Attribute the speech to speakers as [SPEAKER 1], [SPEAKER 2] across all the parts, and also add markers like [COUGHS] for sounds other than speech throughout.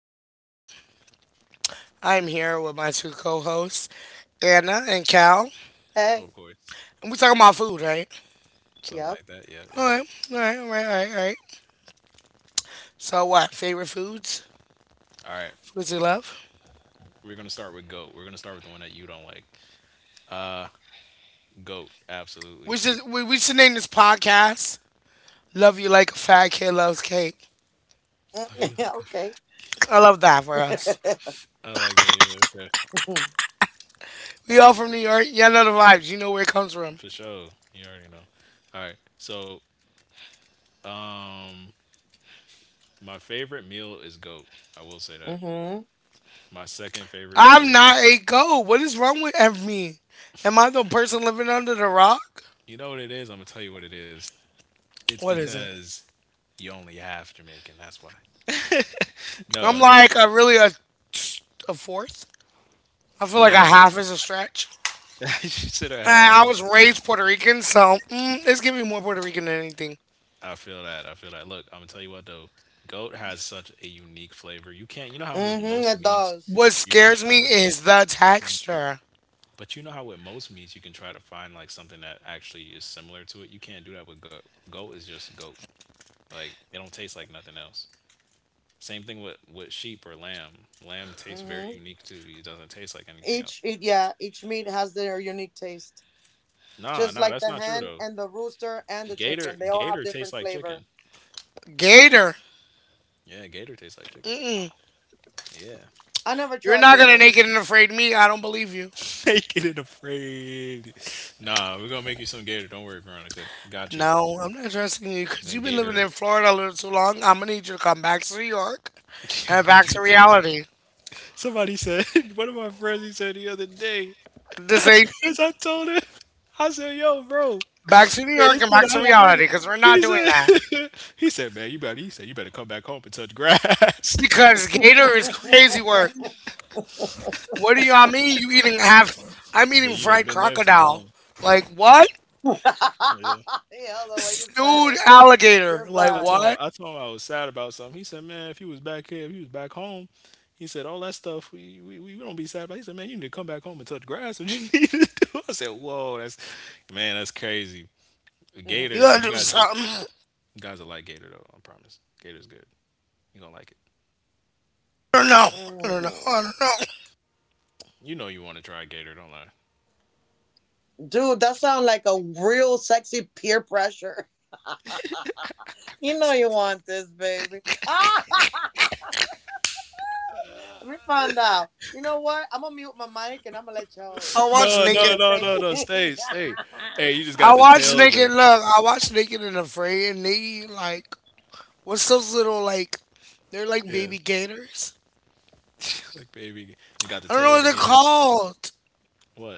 [SPEAKER 1] Veronica. I am here with my two co hosts, Anna and Cal.
[SPEAKER 2] Oh, of course.
[SPEAKER 1] And we're talking about food, right?
[SPEAKER 2] Something like that. Yeah,
[SPEAKER 1] All
[SPEAKER 2] yeah.
[SPEAKER 1] right, all right, all right, all right, all right. So, what? Favorite foods?
[SPEAKER 2] All right.
[SPEAKER 1] Foods you love?
[SPEAKER 2] We're gonna start with goat. We're gonna start with the one that you don't like. Goat,
[SPEAKER 1] We
[SPEAKER 2] absolutely.
[SPEAKER 1] should, we, we should name this podcast Love You Like a Fat Kid Loves Cake.
[SPEAKER 2] Love you like a fat kid.
[SPEAKER 1] I love that for us.
[SPEAKER 2] I like that. Yeah. Okay.
[SPEAKER 1] We all from New York. Y'all know the vibes. You know where it comes from.
[SPEAKER 2] For sure. You already know. All right. So, um, my favorite meal is goat. I will say that. My second favorite
[SPEAKER 1] I'm
[SPEAKER 2] meal.
[SPEAKER 1] not a goat. What is wrong with me? Am I the person living under the rock?
[SPEAKER 2] You know what it is? I'm gonna tell you what it is. It's
[SPEAKER 1] What is it?
[SPEAKER 2] because you only half Jamaican. That's why. [LAUGHS] No,
[SPEAKER 1] I'm
[SPEAKER 2] I'm
[SPEAKER 1] like
[SPEAKER 2] joking.
[SPEAKER 1] a really a fourth. I feel like a
[SPEAKER 2] Yeah,
[SPEAKER 1] half is a stretch.
[SPEAKER 2] [LAUGHS] you should
[SPEAKER 1] And
[SPEAKER 2] have half.
[SPEAKER 1] I was raised Puerto Rican, so it's giving me more Puerto Rican than anything.
[SPEAKER 2] I feel that. I feel that. Look, I'm gonna tell you what though. Goat has such a unique flavor. You can't. You know how with most meats,
[SPEAKER 1] What
[SPEAKER 2] you can
[SPEAKER 1] scares me
[SPEAKER 2] try to.
[SPEAKER 1] is the
[SPEAKER 2] Mm.
[SPEAKER 1] texture.
[SPEAKER 2] But you know how with most meats, you can try to find like something that actually is similar to it. You can't do that with goat. Goat is just goat. Like it don't taste like nothing else. Same thing with sheep or lamb. Lamb tastes very unique too. It doesn't taste like anything else. Nah, nah, that's not true though. Gator tastes like chicken.
[SPEAKER 1] Gator,
[SPEAKER 2] Yeah, gator tastes like chicken. Yeah.
[SPEAKER 1] you're not gonna naked and afraid me. I don't believe you.
[SPEAKER 2] [LAUGHS] naked and afraid. Nah, we're gonna make you some gator. Don't worry, Veronica. Got you.
[SPEAKER 1] No, I'm not trusting you
[SPEAKER 2] I'm
[SPEAKER 1] because
[SPEAKER 2] gonna
[SPEAKER 1] you've been living
[SPEAKER 2] gator.
[SPEAKER 1] in Florida a little too long. I'm gonna need you to come back to New York
[SPEAKER 2] [LAUGHS] I
[SPEAKER 1] and
[SPEAKER 2] need
[SPEAKER 1] back
[SPEAKER 2] you
[SPEAKER 1] to
[SPEAKER 2] to come back.
[SPEAKER 1] reality.
[SPEAKER 2] Somebody said, [LAUGHS] one of my friends, he said the other day,
[SPEAKER 1] The same
[SPEAKER 2] because I
[SPEAKER 1] thing.
[SPEAKER 2] told him, I said, yo, bro, man,
[SPEAKER 1] Back to New York
[SPEAKER 2] it's
[SPEAKER 1] and
[SPEAKER 2] been
[SPEAKER 1] back to
[SPEAKER 2] a hot
[SPEAKER 1] reality
[SPEAKER 2] minute.
[SPEAKER 1] because we're
[SPEAKER 2] He
[SPEAKER 1] not doing that.
[SPEAKER 2] said, [LAUGHS] he said, he said, you better come back home and touch grass. [LAUGHS]
[SPEAKER 1] Because Gator is crazy work. What do you all mean? You eating half? I'm
[SPEAKER 2] He said,
[SPEAKER 1] eating
[SPEAKER 2] you done
[SPEAKER 1] fried
[SPEAKER 2] been there too
[SPEAKER 1] crocodile.
[SPEAKER 2] long.
[SPEAKER 1] Like what?
[SPEAKER 2] Yeah.
[SPEAKER 1] Stewed alligator. Like
[SPEAKER 2] I told
[SPEAKER 1] what?
[SPEAKER 2] I told him I was sad about something. He said, "Man, if he was back here, if he was back home, he said all that stuff we don't be sad about." He said, "Man, you need to come back home and touch grass. What you [LAUGHS] need to do?" I said, "Whoa, that's man, that's crazy."
[SPEAKER 1] You
[SPEAKER 2] Gator,
[SPEAKER 1] gotta
[SPEAKER 2] you
[SPEAKER 1] do
[SPEAKER 2] guys, you
[SPEAKER 1] something.
[SPEAKER 2] guys will like Gator though. I promise, Gator's good. You gonna like it.
[SPEAKER 1] Don't know. I don't know. I don't know.
[SPEAKER 2] You know you want to try Gator, don't lie. [LAUGHS]
[SPEAKER 1] I watch
[SPEAKER 2] No, no,
[SPEAKER 1] naked.
[SPEAKER 2] no, no, no. Stay, stay. Hey, you just got
[SPEAKER 1] I
[SPEAKER 2] the
[SPEAKER 1] watch
[SPEAKER 2] tail of the
[SPEAKER 1] naked. Look, I watch naked and afraid, and they eat like what's those little like? They're like
[SPEAKER 2] yeah,
[SPEAKER 1] baby gators.
[SPEAKER 2] [LAUGHS] like baby. You got the
[SPEAKER 1] I don't
[SPEAKER 2] tail
[SPEAKER 1] know
[SPEAKER 2] of the
[SPEAKER 1] what they're
[SPEAKER 2] Gator. Just
[SPEAKER 1] called.
[SPEAKER 2] what?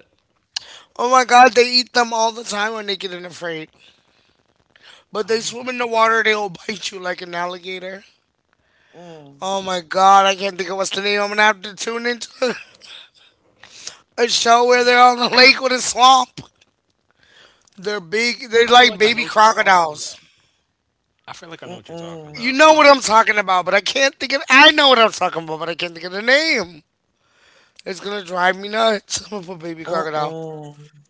[SPEAKER 1] Oh my god, they eat them all the time when Naked and Afraid.
[SPEAKER 2] I
[SPEAKER 1] But
[SPEAKER 2] don't
[SPEAKER 1] they
[SPEAKER 2] know what you're
[SPEAKER 1] swim in the
[SPEAKER 2] talking about.
[SPEAKER 1] water, they'll bite you like an alligator. Oh my god, I can't think of what's the name. I'm gonna have to tune into a show
[SPEAKER 2] Man,
[SPEAKER 1] where they're on the lake with a swamp. They're big.
[SPEAKER 2] I
[SPEAKER 1] They're
[SPEAKER 2] feel like
[SPEAKER 1] like
[SPEAKER 2] I know
[SPEAKER 1] baby
[SPEAKER 2] what you're talking
[SPEAKER 1] crocodiles.
[SPEAKER 2] about. I feel like I know what you're talking
[SPEAKER 1] You
[SPEAKER 2] about.
[SPEAKER 1] know what I'm talking about, but I can't think of. I know what I'm talking about, but I can't think of the name. It's gonna drive me nuts. [LAUGHS] I'm gonna put baby crocodile.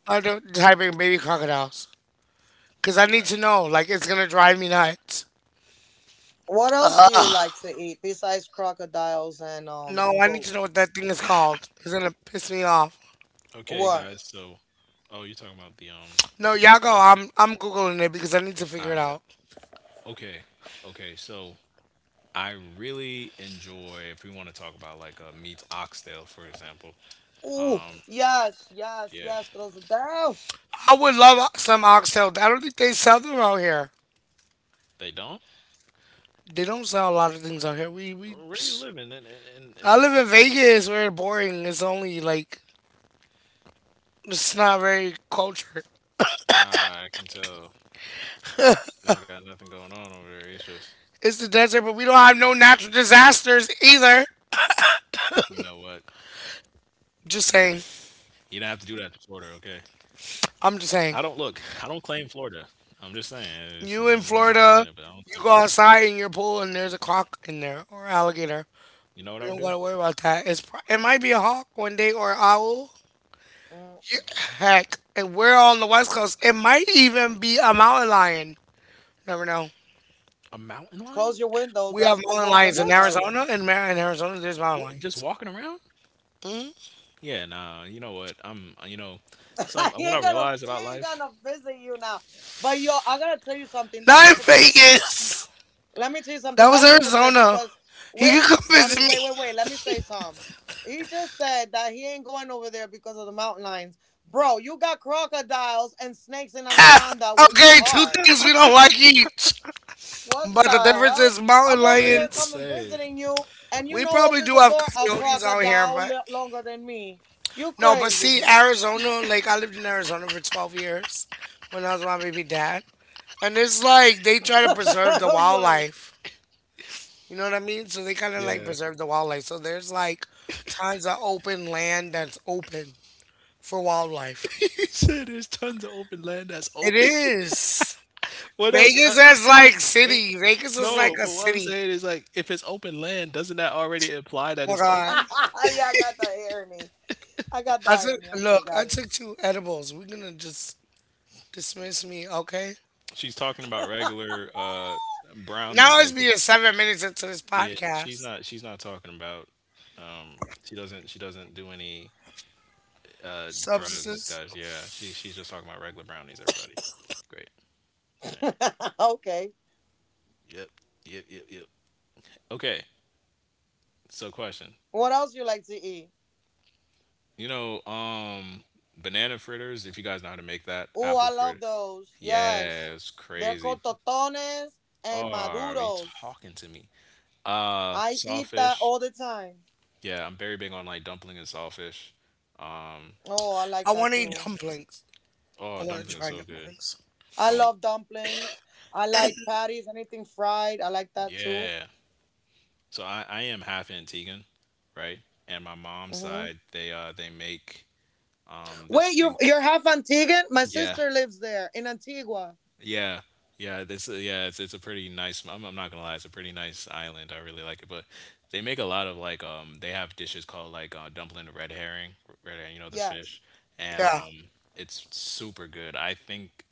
[SPEAKER 1] I don't type in baby crocodiles because I need to know. Like it's gonna drive me nuts. No, I need to know what that thing is called. It's gonna piss me off.
[SPEAKER 2] Okay, guys. You're talking about
[SPEAKER 1] No,
[SPEAKER 2] the
[SPEAKER 1] y'all go.
[SPEAKER 2] show.
[SPEAKER 1] I'm googling it because I need to
[SPEAKER 2] I
[SPEAKER 1] figure it
[SPEAKER 2] bet.
[SPEAKER 1] out.
[SPEAKER 2] Okay, okay. So I really enjoy if we want to talk about like meats oxtail, for example. Um, yeah,
[SPEAKER 1] I would love some oxtail. I don't think they sell them out here.
[SPEAKER 2] they don't.
[SPEAKER 1] They don't sell a lot of things out here. We.
[SPEAKER 2] Where you
[SPEAKER 1] Psh.
[SPEAKER 2] living? And and
[SPEAKER 1] I
[SPEAKER 2] and
[SPEAKER 1] live in Vegas. Where it's boring. It's only like it's not very cultured.
[SPEAKER 2] nah, I can tell. You don't got nothing going on over there. It's just
[SPEAKER 1] It's the desert, but we don't have no natural disasters either.
[SPEAKER 2] you know what? You don't have to
[SPEAKER 1] Just
[SPEAKER 2] do that to
[SPEAKER 1] saying.
[SPEAKER 2] Florida, okay? I don't look. I don't
[SPEAKER 1] I'm just
[SPEAKER 2] claim
[SPEAKER 1] saying.
[SPEAKER 2] Florida. I'm just saying it's been a hot little minute,
[SPEAKER 1] You
[SPEAKER 2] but
[SPEAKER 1] in
[SPEAKER 2] I don't claim it.
[SPEAKER 1] Florida, you go outside in your pool and there's a croc in there or alligator.
[SPEAKER 2] You know what I would
[SPEAKER 1] We don't
[SPEAKER 2] do?
[SPEAKER 1] gotta worry about that. It's pro- it might be a hawk one day or an owl. Yeah, heck, and we're on the west coast. It might even be a mountain lion. Never know.
[SPEAKER 2] A mountain lion?
[SPEAKER 1] We have mountain lions in
[SPEAKER 2] What?
[SPEAKER 1] Arizona. In, Mar- in Arizona, there's mountain
[SPEAKER 2] What, just
[SPEAKER 1] lions.
[SPEAKER 2] walking around?
[SPEAKER 1] hmm
[SPEAKER 2] Yeah, nah. You know what? I'm. You know, some what I realize about life.
[SPEAKER 1] Not in Vegas. That was Arizona. He could come visit me. [LAUGHS] Okay, two things we don't like each. But the difference is mountain
[SPEAKER 2] It ain't the
[SPEAKER 1] lions.
[SPEAKER 2] same.
[SPEAKER 1] We probably do have coyotes out here, but no, but see, Arizona, like I lived in Arizona for 12 years when I was with my baby dad. And it's like they try to preserve the wildlife. You know what I mean? So they kind of like
[SPEAKER 2] Yeah.
[SPEAKER 1] preserve the wildlife. So there's like tons of open land that's open for wildlife.
[SPEAKER 2] [LAUGHS] You said there's tons of open land that's
[SPEAKER 1] It
[SPEAKER 2] open. [LAUGHS]
[SPEAKER 1] is.
[SPEAKER 2] What else?
[SPEAKER 1] Vegas is like
[SPEAKER 2] It,
[SPEAKER 1] city. Vegas is like
[SPEAKER 2] no,
[SPEAKER 1] a
[SPEAKER 2] but what I'm
[SPEAKER 1] city.
[SPEAKER 2] saying is like, if it's open land, doesn't that already imply that
[SPEAKER 1] Oh my
[SPEAKER 2] it's
[SPEAKER 1] god.
[SPEAKER 2] open?
[SPEAKER 1] I took look, I took two edibles. We're gonna just dismiss me, okay?
[SPEAKER 2] She's talking about regular brownies,
[SPEAKER 1] Now it's
[SPEAKER 2] like
[SPEAKER 1] being seven minutes into this
[SPEAKER 2] yeah.
[SPEAKER 1] podcast.
[SPEAKER 2] She's not talking about. She doesn't do any drugs,
[SPEAKER 1] Substances.
[SPEAKER 2] guys. Yeah, she's just talking about regular brownies. Everybody, great. All right. Yep, yep. Okay. So question. You know, um, banana fritters. If you guys know how to make that, apple fritter. Yeah, it's crazy. Oh, are you talking to me? Sawfish. Yeah, I'm very big on like dumpling and sawfish. Um,
[SPEAKER 1] I wanna eat dumplings.
[SPEAKER 2] oh,
[SPEAKER 1] I wanna
[SPEAKER 2] dumpling is
[SPEAKER 1] try
[SPEAKER 2] so good.
[SPEAKER 1] dumplings.
[SPEAKER 2] Um,
[SPEAKER 1] [LAUGHS]
[SPEAKER 2] yeah. So I am half Antiguan, right? And my mom's side, they make this thing. Yeah, yeah, yeah. It's a pretty nice. I'm not gonna lie, it's a pretty nice island. I really like it, but they make a lot of like They have dishes called like dumpling the red herring, red herring. You know the fish, and
[SPEAKER 1] Yeah.
[SPEAKER 2] um, it's super good. I think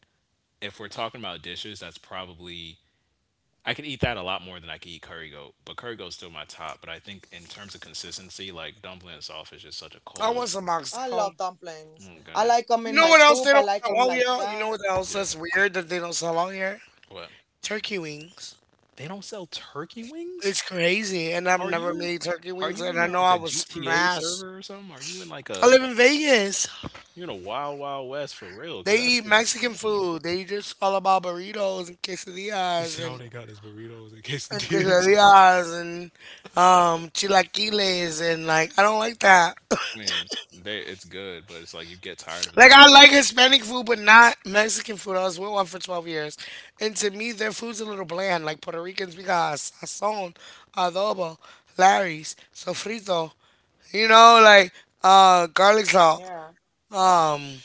[SPEAKER 2] if we're talking about dishes, that's probably I could eat that a lot more than I could eat curry goat. But curry goat's still my top. But I think in terms of consistency, like dumpling and saltfish is such a
[SPEAKER 1] I
[SPEAKER 2] cold.
[SPEAKER 1] want some oxtail.
[SPEAKER 2] Oh goodness.
[SPEAKER 1] You know what else they don't sell out here? You know what else
[SPEAKER 2] Yeah.
[SPEAKER 1] that's weird that they don't sell out here?
[SPEAKER 2] What?
[SPEAKER 1] Turkey wings.
[SPEAKER 2] They don't sell turkey wings?
[SPEAKER 1] It's crazy, and I've
[SPEAKER 2] Are
[SPEAKER 1] never
[SPEAKER 2] you
[SPEAKER 1] made turkey
[SPEAKER 2] are
[SPEAKER 1] wings,
[SPEAKER 2] you
[SPEAKER 1] and
[SPEAKER 2] in,
[SPEAKER 1] I know
[SPEAKER 2] like,
[SPEAKER 1] I
[SPEAKER 2] a
[SPEAKER 1] was
[SPEAKER 2] GTA
[SPEAKER 1] smashed.
[SPEAKER 2] server or something? Are you in, like,
[SPEAKER 1] I
[SPEAKER 2] a
[SPEAKER 1] live in Vegas.
[SPEAKER 2] you in a Wild Wild West for real? Because
[SPEAKER 1] They
[SPEAKER 2] that's
[SPEAKER 1] eat Mexican
[SPEAKER 2] insane.
[SPEAKER 1] food. They just all about burritos and
[SPEAKER 2] He
[SPEAKER 1] quesadillas,
[SPEAKER 2] said all they got is burritos and
[SPEAKER 1] and
[SPEAKER 2] quesadillas.
[SPEAKER 1] quesadillas and chilaquiles and like I don't like that.
[SPEAKER 2] [LAUGHS] I mean, they it's good, but it's like you get tired of that
[SPEAKER 1] Like I
[SPEAKER 2] after
[SPEAKER 1] like Hispanic food, but not Mexican food. I was with one for 12 years, and to me, their food's a little bland. Like Puerto Ricans, we got sazon, adobo, Larry's, sofrito. You know, like garlic salt. Um,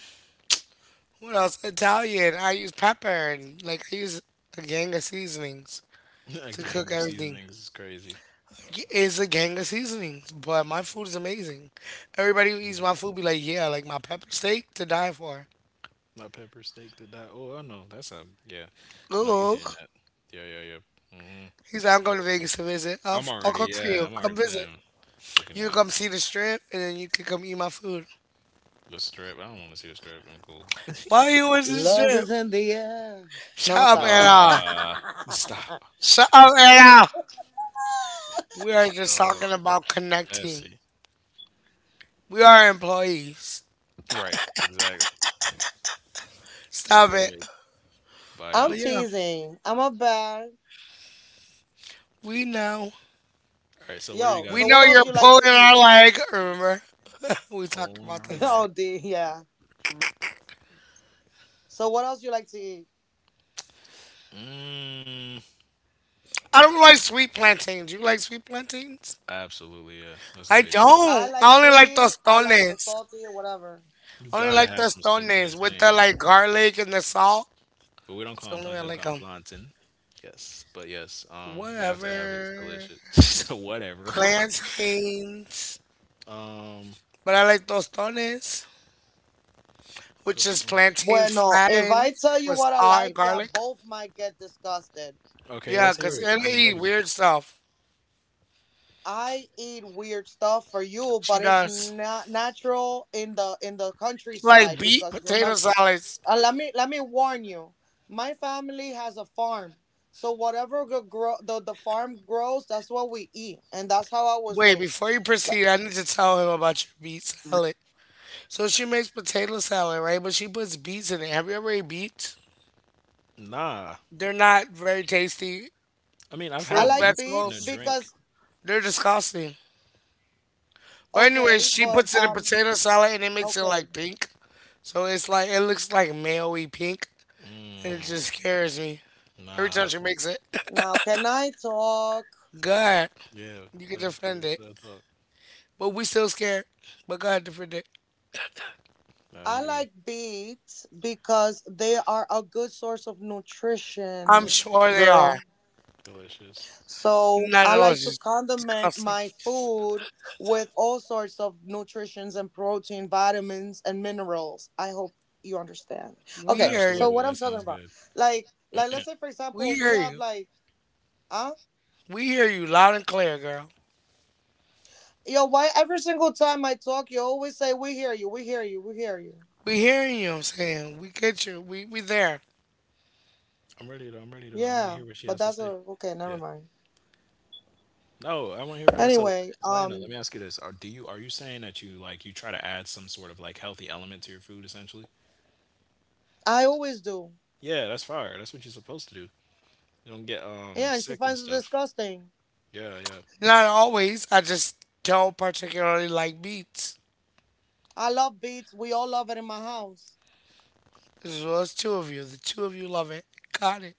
[SPEAKER 1] what else? Italian. I use pepper and like I use a gang of seasonings
[SPEAKER 2] a while. [LAUGHS] A
[SPEAKER 1] to
[SPEAKER 2] gang
[SPEAKER 1] cook
[SPEAKER 2] of
[SPEAKER 1] everything.
[SPEAKER 2] seasonings is crazy.
[SPEAKER 1] Yeah, it's a gang of seasonings, but my food is amazing. Everybody who eats
[SPEAKER 2] Mhm.
[SPEAKER 1] my food be like, yeah, like my pepper steak to die for.
[SPEAKER 2] My pepper steak did that. Oh, I know. That's a yeah. I know you
[SPEAKER 1] Ooh.
[SPEAKER 2] hitting that. Yeah, yeah, yeah. Mm Mhm.
[SPEAKER 1] He said, I'm
[SPEAKER 2] Yep.
[SPEAKER 1] going to Vegas to visit. I'll,
[SPEAKER 2] I'm
[SPEAKER 1] f- I'll
[SPEAKER 2] already
[SPEAKER 1] cook for
[SPEAKER 2] yeah,
[SPEAKER 1] you.
[SPEAKER 2] I'm already
[SPEAKER 1] Come
[SPEAKER 2] planning
[SPEAKER 1] visit.
[SPEAKER 2] on looking
[SPEAKER 1] You
[SPEAKER 2] at
[SPEAKER 1] come see the strip, and then you can come eat my food.
[SPEAKER 2] the strip. I don't want to see the strip. I'm cool.
[SPEAKER 1] Why you in the strip? Shut up, Anna.
[SPEAKER 2] Nah.
[SPEAKER 1] Shut up, Anna. We
[SPEAKER 2] [LAUGHS]
[SPEAKER 1] are just
[SPEAKER 2] Stop.
[SPEAKER 1] talking about connecting.
[SPEAKER 2] Messy.
[SPEAKER 1] We are employees.
[SPEAKER 2] Right, exactly.
[SPEAKER 1] Stop
[SPEAKER 2] Employed
[SPEAKER 1] it.
[SPEAKER 2] by
[SPEAKER 1] But yeah, we know.
[SPEAKER 2] All right, so what are you
[SPEAKER 1] We
[SPEAKER 2] guys'
[SPEAKER 1] know you're
[SPEAKER 2] favorite food?
[SPEAKER 1] pulling our leg. Remember, [LAUGHS] we talked
[SPEAKER 2] Polling
[SPEAKER 1] about
[SPEAKER 2] or
[SPEAKER 1] this.
[SPEAKER 2] lag? Mm,
[SPEAKER 1] I don't like sweet plantains. You like sweet plantains?
[SPEAKER 2] absolutely, yeah. That's a
[SPEAKER 1] I
[SPEAKER 2] big.
[SPEAKER 1] don't. I only like tostones.
[SPEAKER 2] You
[SPEAKER 1] Only
[SPEAKER 2] gotta
[SPEAKER 1] like
[SPEAKER 2] have some sweet
[SPEAKER 1] tostones with the
[SPEAKER 2] plantains,
[SPEAKER 1] like garlic and the salt.
[SPEAKER 2] but we don't
[SPEAKER 1] It's
[SPEAKER 2] call
[SPEAKER 1] the
[SPEAKER 2] them
[SPEAKER 1] only way I
[SPEAKER 2] plantain. We
[SPEAKER 1] like
[SPEAKER 2] call them
[SPEAKER 1] them.
[SPEAKER 2] plantain. Yes, you have to have it. It's
[SPEAKER 1] Whatever.
[SPEAKER 2] delicious. [LAUGHS] so whatever. [LAUGHS]
[SPEAKER 1] Plantains.
[SPEAKER 2] um,
[SPEAKER 1] But I like tostones, which
[SPEAKER 2] those
[SPEAKER 1] is
[SPEAKER 2] stones.
[SPEAKER 1] plantains flattened with salt and garlic.
[SPEAKER 2] Okay,
[SPEAKER 1] Yeah,
[SPEAKER 2] let's hear
[SPEAKER 1] because
[SPEAKER 2] it.
[SPEAKER 1] Anna
[SPEAKER 2] I'm
[SPEAKER 1] eat
[SPEAKER 2] ready.
[SPEAKER 1] weird stuff. She does. Like beet potato salads. Wait, before you proceed, I need to tell him about your beet salad. So she makes potato salad, right? But she puts beets in it. Have you ever ate beets?
[SPEAKER 2] Nah,
[SPEAKER 1] They're not very tasty.
[SPEAKER 2] I mean I've
[SPEAKER 1] Fruit,
[SPEAKER 2] had beets in a
[SPEAKER 1] vegetables.
[SPEAKER 2] drink.
[SPEAKER 1] They're disgusting. But anyway, she puts it in potato salad and it makes it like pink. So it's like it looks like mayo-y pink. And it
[SPEAKER 2] Mm,
[SPEAKER 1] just scares me. Every time
[SPEAKER 2] nah.
[SPEAKER 1] she makes it. [COUGHS] [LAUGHS] God,
[SPEAKER 2] Yeah,
[SPEAKER 1] you can
[SPEAKER 2] that talk.
[SPEAKER 1] defend
[SPEAKER 2] What's
[SPEAKER 1] it.
[SPEAKER 2] that talk?
[SPEAKER 1] But we still scared. But God defend it.
[SPEAKER 2] Nah, you.
[SPEAKER 1] I'm sure they are.
[SPEAKER 2] Delicious.
[SPEAKER 1] Not delicious. Disgusting. We hear you.
[SPEAKER 2] Absolutely. That sounds good.
[SPEAKER 1] We hear you. We hear you loud and clear, girl. We hearing you, I'm saying. We get you. We there.
[SPEAKER 2] I'm ready to. I want to hear what she has to say. Yeah. No, I want to hear what you have. So Anna, let me ask you this: Are you saying that you like you try to add some sort of like healthy element to your food, essentially? Yeah, that's fire. That's what you're supposed to do. You don't get sick and stuff. Yeah, yeah.
[SPEAKER 1] Not always. I just don't particularly like beets. This was two of you. The two of you love it. Got it.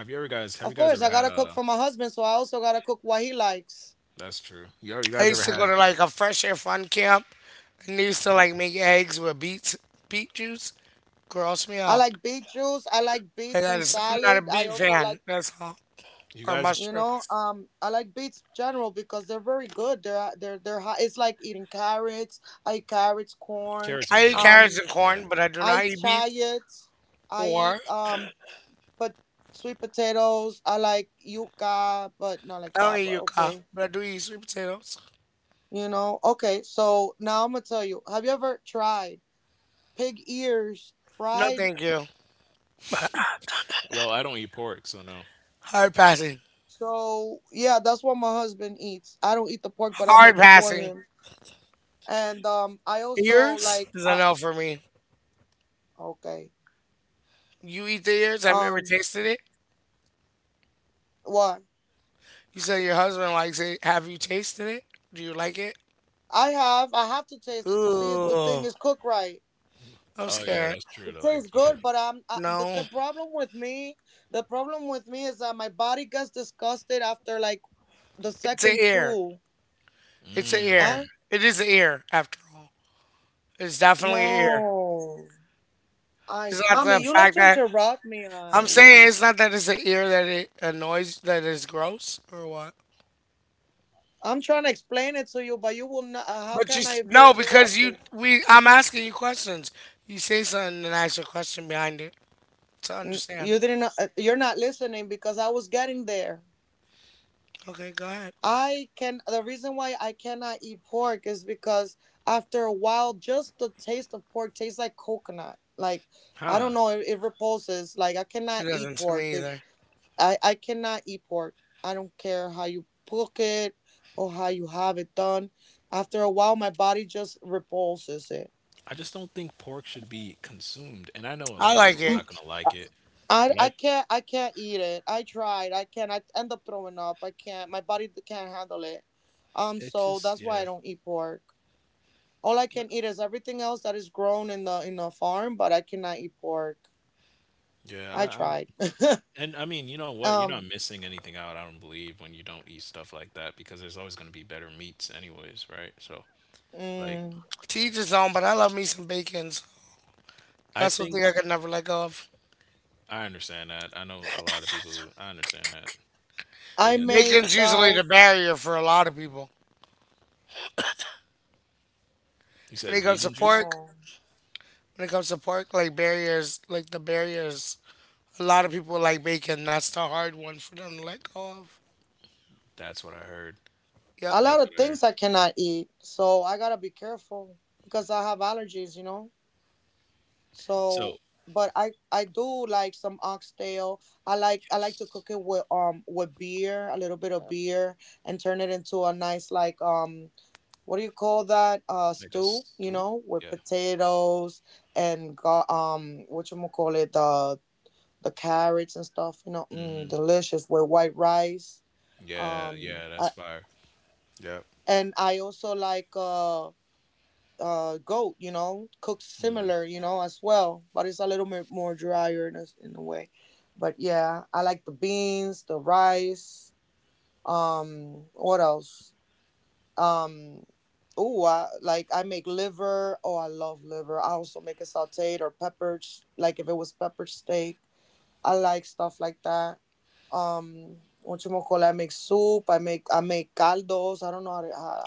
[SPEAKER 2] Have you ever guys? Have you guys ever had? That's true. You
[SPEAKER 1] I
[SPEAKER 2] guys
[SPEAKER 1] used
[SPEAKER 2] ever
[SPEAKER 1] to go
[SPEAKER 2] had?
[SPEAKER 1] to like a fresh air fun camp and they used to like make eggs with beets, beet juice. Gross me out. Like I just, I'm not a beet fan. That's all.
[SPEAKER 2] You
[SPEAKER 1] Or
[SPEAKER 2] guys
[SPEAKER 1] mushrooms.
[SPEAKER 2] carrots are
[SPEAKER 1] I eat
[SPEAKER 2] good.
[SPEAKER 1] carrots and
[SPEAKER 2] Yeah.
[SPEAKER 1] corn, but I do not eat beets. Or I don't eat yuca, but I do eat sweet potatoes. No, thank you.
[SPEAKER 2] Well, I don't eat pork, so no.
[SPEAKER 1] Hard passing. Hard passing. Ears is a no for me. You eat the ears? Have you ever tasted it? You said your husband likes it. Have you tasted it? Do you like it? Ooh, I'm
[SPEAKER 2] Oh yeah,
[SPEAKER 1] scared.
[SPEAKER 2] that's true. To like you got.
[SPEAKER 1] No, it's an ear. It's an ear.
[SPEAKER 2] Mmm.
[SPEAKER 1] It is an ear, after all. It's definitely an ear. It's not the fact that I'm saying it's not that it's an ear that it annoys that it's gross or what. But you s- no, because you we I'm asking you questions. You say something and I ask a question behind it to understand. Okay, go ahead.
[SPEAKER 2] Huh.
[SPEAKER 1] It doesn't to me either.
[SPEAKER 2] I just don't think pork should be consumed, and I know a
[SPEAKER 1] I
[SPEAKER 2] lot of
[SPEAKER 1] like
[SPEAKER 2] people are
[SPEAKER 1] it.
[SPEAKER 2] not gonna like it, but I it just but- I'm and I mean you know what you're not missing anything out I don't believe when you don't eat stuff like that because there's always gonna be better meats anyways right so like
[SPEAKER 1] To each his own, but I love me some bacon. So
[SPEAKER 2] I
[SPEAKER 1] that's
[SPEAKER 2] think
[SPEAKER 1] something I could never let go of.
[SPEAKER 2] I understand that I know a lot of people who I understand that bacon is one of those
[SPEAKER 1] Bacon's
[SPEAKER 2] things
[SPEAKER 1] usually the barrier for a lot of people.
[SPEAKER 2] you
[SPEAKER 1] When
[SPEAKER 2] said
[SPEAKER 1] it comes to
[SPEAKER 2] vegan juice
[SPEAKER 1] pork, when it comes to pork, like barriers, like the barriers, a lot of people like bacon. That's the hard one for them to let go of.
[SPEAKER 2] that's what I heard
[SPEAKER 1] Yep.
[SPEAKER 2] that's what I heard so yes like a stew yeah hmm yeah yeah that's fire yep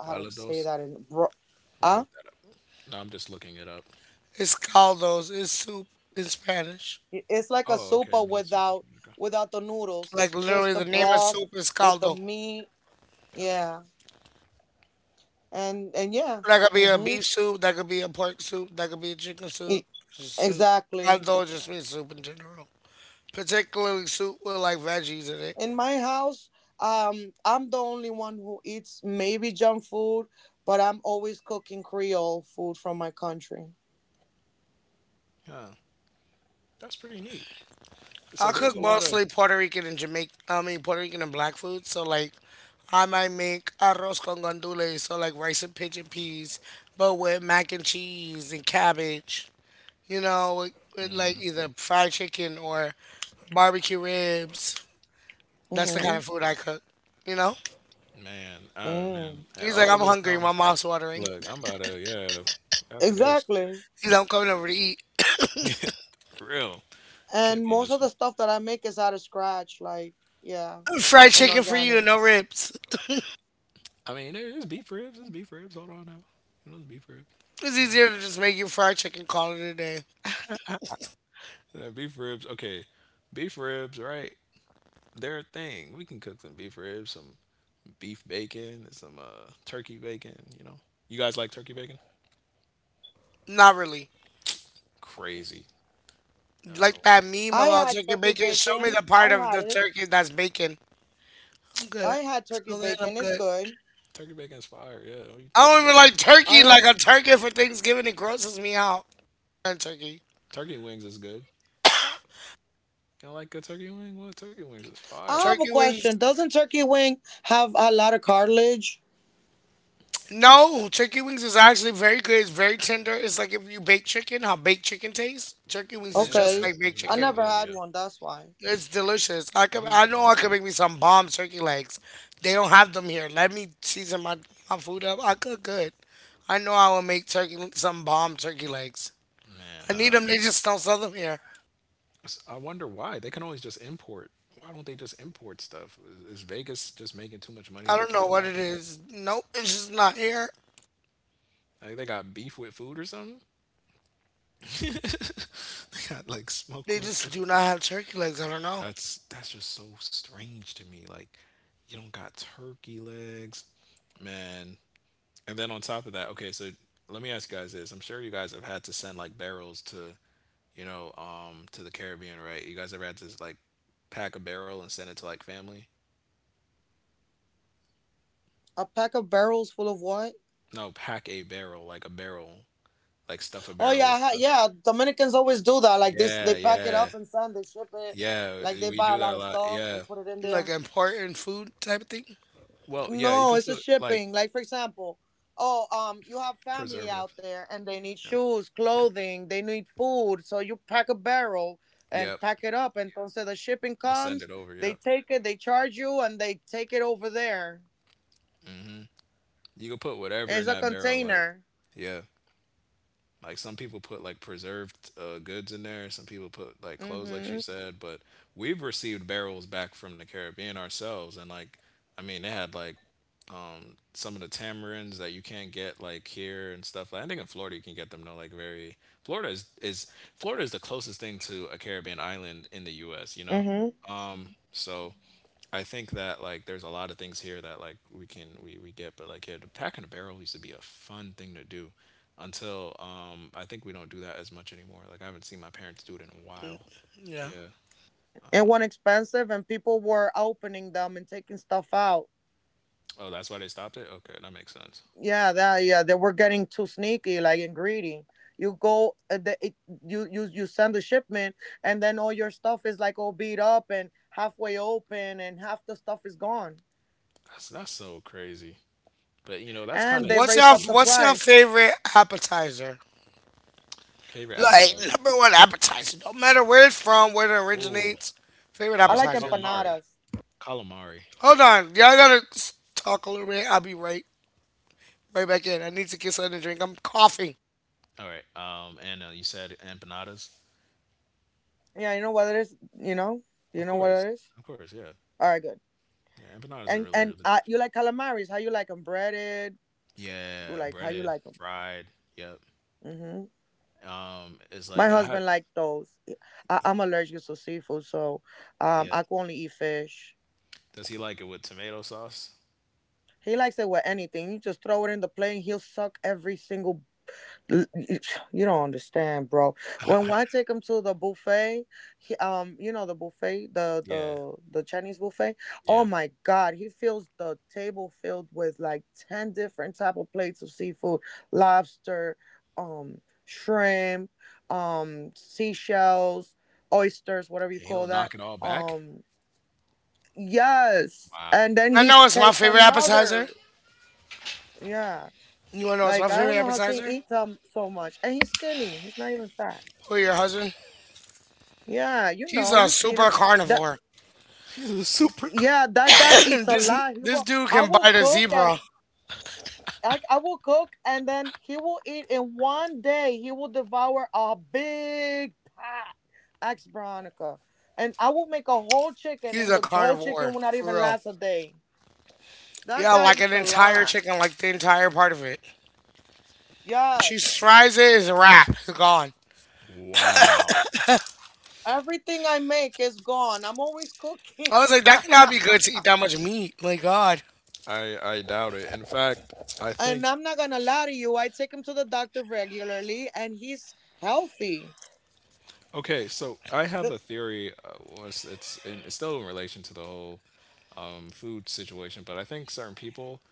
[SPEAKER 2] Calidus? Let me look that up. No, I'm just looking it up.
[SPEAKER 1] It's caldos. It's soup in Spanish.
[SPEAKER 2] Oh, okay. It means Soup is Vinegar.
[SPEAKER 1] Like literally, the name of soup is caldo.
[SPEAKER 2] Got it. Good.
[SPEAKER 1] That could be a beef soup. That could be a pork soup. That could be a chicken soup. It's just soup. Caldo just means soup in general. Particularly soup with like veggies in it.
[SPEAKER 2] Huh. That's pretty neat. So
[SPEAKER 1] I
[SPEAKER 2] there's
[SPEAKER 1] cook
[SPEAKER 2] a lot of
[SPEAKER 1] mostly Puerto Rican and Jamaican. I mean Puerto Rican and black food. So like I might make arroz con gandules, so like rice and pigeon peas, but with mac and cheese and cabbage. You know, with
[SPEAKER 2] Mhm.
[SPEAKER 1] like either fried chicken or barbecue ribs. That's the kind of food I cook. You know,
[SPEAKER 2] Man. Oh man, and
[SPEAKER 1] he's
[SPEAKER 2] all
[SPEAKER 1] like,
[SPEAKER 2] of
[SPEAKER 1] I'm
[SPEAKER 2] it
[SPEAKER 1] hungry.
[SPEAKER 2] sounds.
[SPEAKER 1] My mouth's watering.
[SPEAKER 2] Look, I'm about to yeah. After this,
[SPEAKER 1] He's like, I'm coming over to eat.
[SPEAKER 2] [LAUGHS] real can't be missing.
[SPEAKER 1] Fried chicken for you, no ribs.
[SPEAKER 2] I mean, there is beef ribs. There's beef ribs. Hold on now. You know the beef ribs. You
[SPEAKER 1] It's
[SPEAKER 2] know
[SPEAKER 1] easier to just make you fried chicken, call it a day.
[SPEAKER 2] Yeah, beef ribs. Okay, beef ribs. Right, they're a thing. We can cook some beef ribs, some beef bacon and some turkey bacon. You know, you guys like turkey bacon?
[SPEAKER 1] Not really.
[SPEAKER 2] Crazy. I don't know
[SPEAKER 1] Like
[SPEAKER 2] what
[SPEAKER 1] that
[SPEAKER 2] you.
[SPEAKER 1] meme about turkey bacon. Show me the part of the turkey that's bacon. I'm good. Till then, I'm good.
[SPEAKER 2] Turkey bacon is fire. Yeah. Oh, you know,
[SPEAKER 1] I don't even like turkey. Like a turkey for Thanksgiving, it grosses me out. And turkey,
[SPEAKER 2] turkey wings is good. Y'all like a turkey wing? Well, turkey wings is fire.
[SPEAKER 1] turkey wings. No, turkey wings is actually very good. It's very tender. It's like if you bake chicken, how baked chicken tastes. Turkey wings is
[SPEAKER 2] Yeah,
[SPEAKER 1] just like
[SPEAKER 2] it's
[SPEAKER 1] baked
[SPEAKER 2] really
[SPEAKER 1] chicken.
[SPEAKER 2] good. Yeah,
[SPEAKER 1] It's delicious.
[SPEAKER 2] you'd
[SPEAKER 1] I know I
[SPEAKER 2] like it,
[SPEAKER 1] could make me some bomb turkey legs. They don't have them here. Let me season my food up. I cook good. I know I will make turkey some bomb turkey legs.
[SPEAKER 2] man.
[SPEAKER 1] I need them. They just don't sell them here.
[SPEAKER 2] I wonder why they can always just import. Why don't they just import stuff? Is Vegas just making too much money
[SPEAKER 1] I
[SPEAKER 2] to
[SPEAKER 1] don't
[SPEAKER 2] care
[SPEAKER 1] know what
[SPEAKER 2] about
[SPEAKER 1] it
[SPEAKER 2] that?
[SPEAKER 1] is. Nope, it's just not here.
[SPEAKER 2] Like they got beef with food or something? [LAUGHS] they got like smoke
[SPEAKER 1] They
[SPEAKER 2] with food.
[SPEAKER 1] just do not have turkey legs. I don't know.
[SPEAKER 2] That's just so strange to me. Like, you don't got turkey legs, man. And then on top of that, okay, so let me ask you guys this. I'm sure you guys have had to send like barrels to, to the Caribbean, right? You guys ever had to like pack a barrel and send it to like family? No, pack a barrel, like stuff a barrel with stuff. Yeah, yeah, yeah. We do that a lot. Yeah.
[SPEAKER 1] Like important food type of thing.
[SPEAKER 2] Well, yeah, you could put like preservative. Yeah. Yep. Send it over. Yep. You can put whatever in that barrel, like yeah. Like some people put like preserved goods in there. Some people put like clothes, like she said. But we've received barrels back from the Caribbean ourselves, and like, I mean, they had like some of the tamarinds that you can't get like here and stuff. Like I think in Florida you can get them. No, like very Florida is Florida is the closest thing to a Caribbean island in the U.S. So I think that like there's a lot of things here that like we get, but like yeah, the pack and a barrel used to be a fun thing to do until I think we don't do that as much anymore. Like I haven't seen my parents do it in a
[SPEAKER 1] Mm,
[SPEAKER 2] while.
[SPEAKER 1] yeah.
[SPEAKER 2] Yeah. Oh, that's why they stopped it? Okay, that makes sense. That's so crazy. But that's kinda
[SPEAKER 1] What's your
[SPEAKER 2] expected.
[SPEAKER 1] What's your favorite appetizer?
[SPEAKER 2] Favorite
[SPEAKER 1] Like
[SPEAKER 2] appetizer.
[SPEAKER 1] number one appetizer. No matter where it's from, where it
[SPEAKER 2] Oh,
[SPEAKER 1] originates. Favorite appetizer.
[SPEAKER 2] calamari. Calamari.
[SPEAKER 1] Hold on, y'all gotta talk a little bit. I'll be right back in. I need to get something to drink. I'm coughing.
[SPEAKER 2] All right. And you said empanadas? Of course. Of course, yeah. Yeah, empanadas are really, really delicious. Yeah, breaded, fried. Yep. It's like I had. Yeah. Does he like it with tomato sauce? [LAUGHS] yeah. Yeah. He'll knock it all back. Wow.
[SPEAKER 1] I know it's my favorite appetizer. You wanna know what's my favorite appetizer? Who, your husband? He's a super carnivore.
[SPEAKER 2] He's a super car.
[SPEAKER 1] [COUGHS] [CLEARS THROAT] this this dude can bite a zebra. He's a carnivore for real. Yeah, like an entire chicken, like the entire part of it. She fries it, it's a wrap. It's gone.
[SPEAKER 2] Wow.
[SPEAKER 1] I was like, that cannot be good to eat that much meat. My God,
[SPEAKER 2] I doubt it. In fact, I think okay. So I have a theory. Well, it's still in relation to the whole food situation, but I think certain people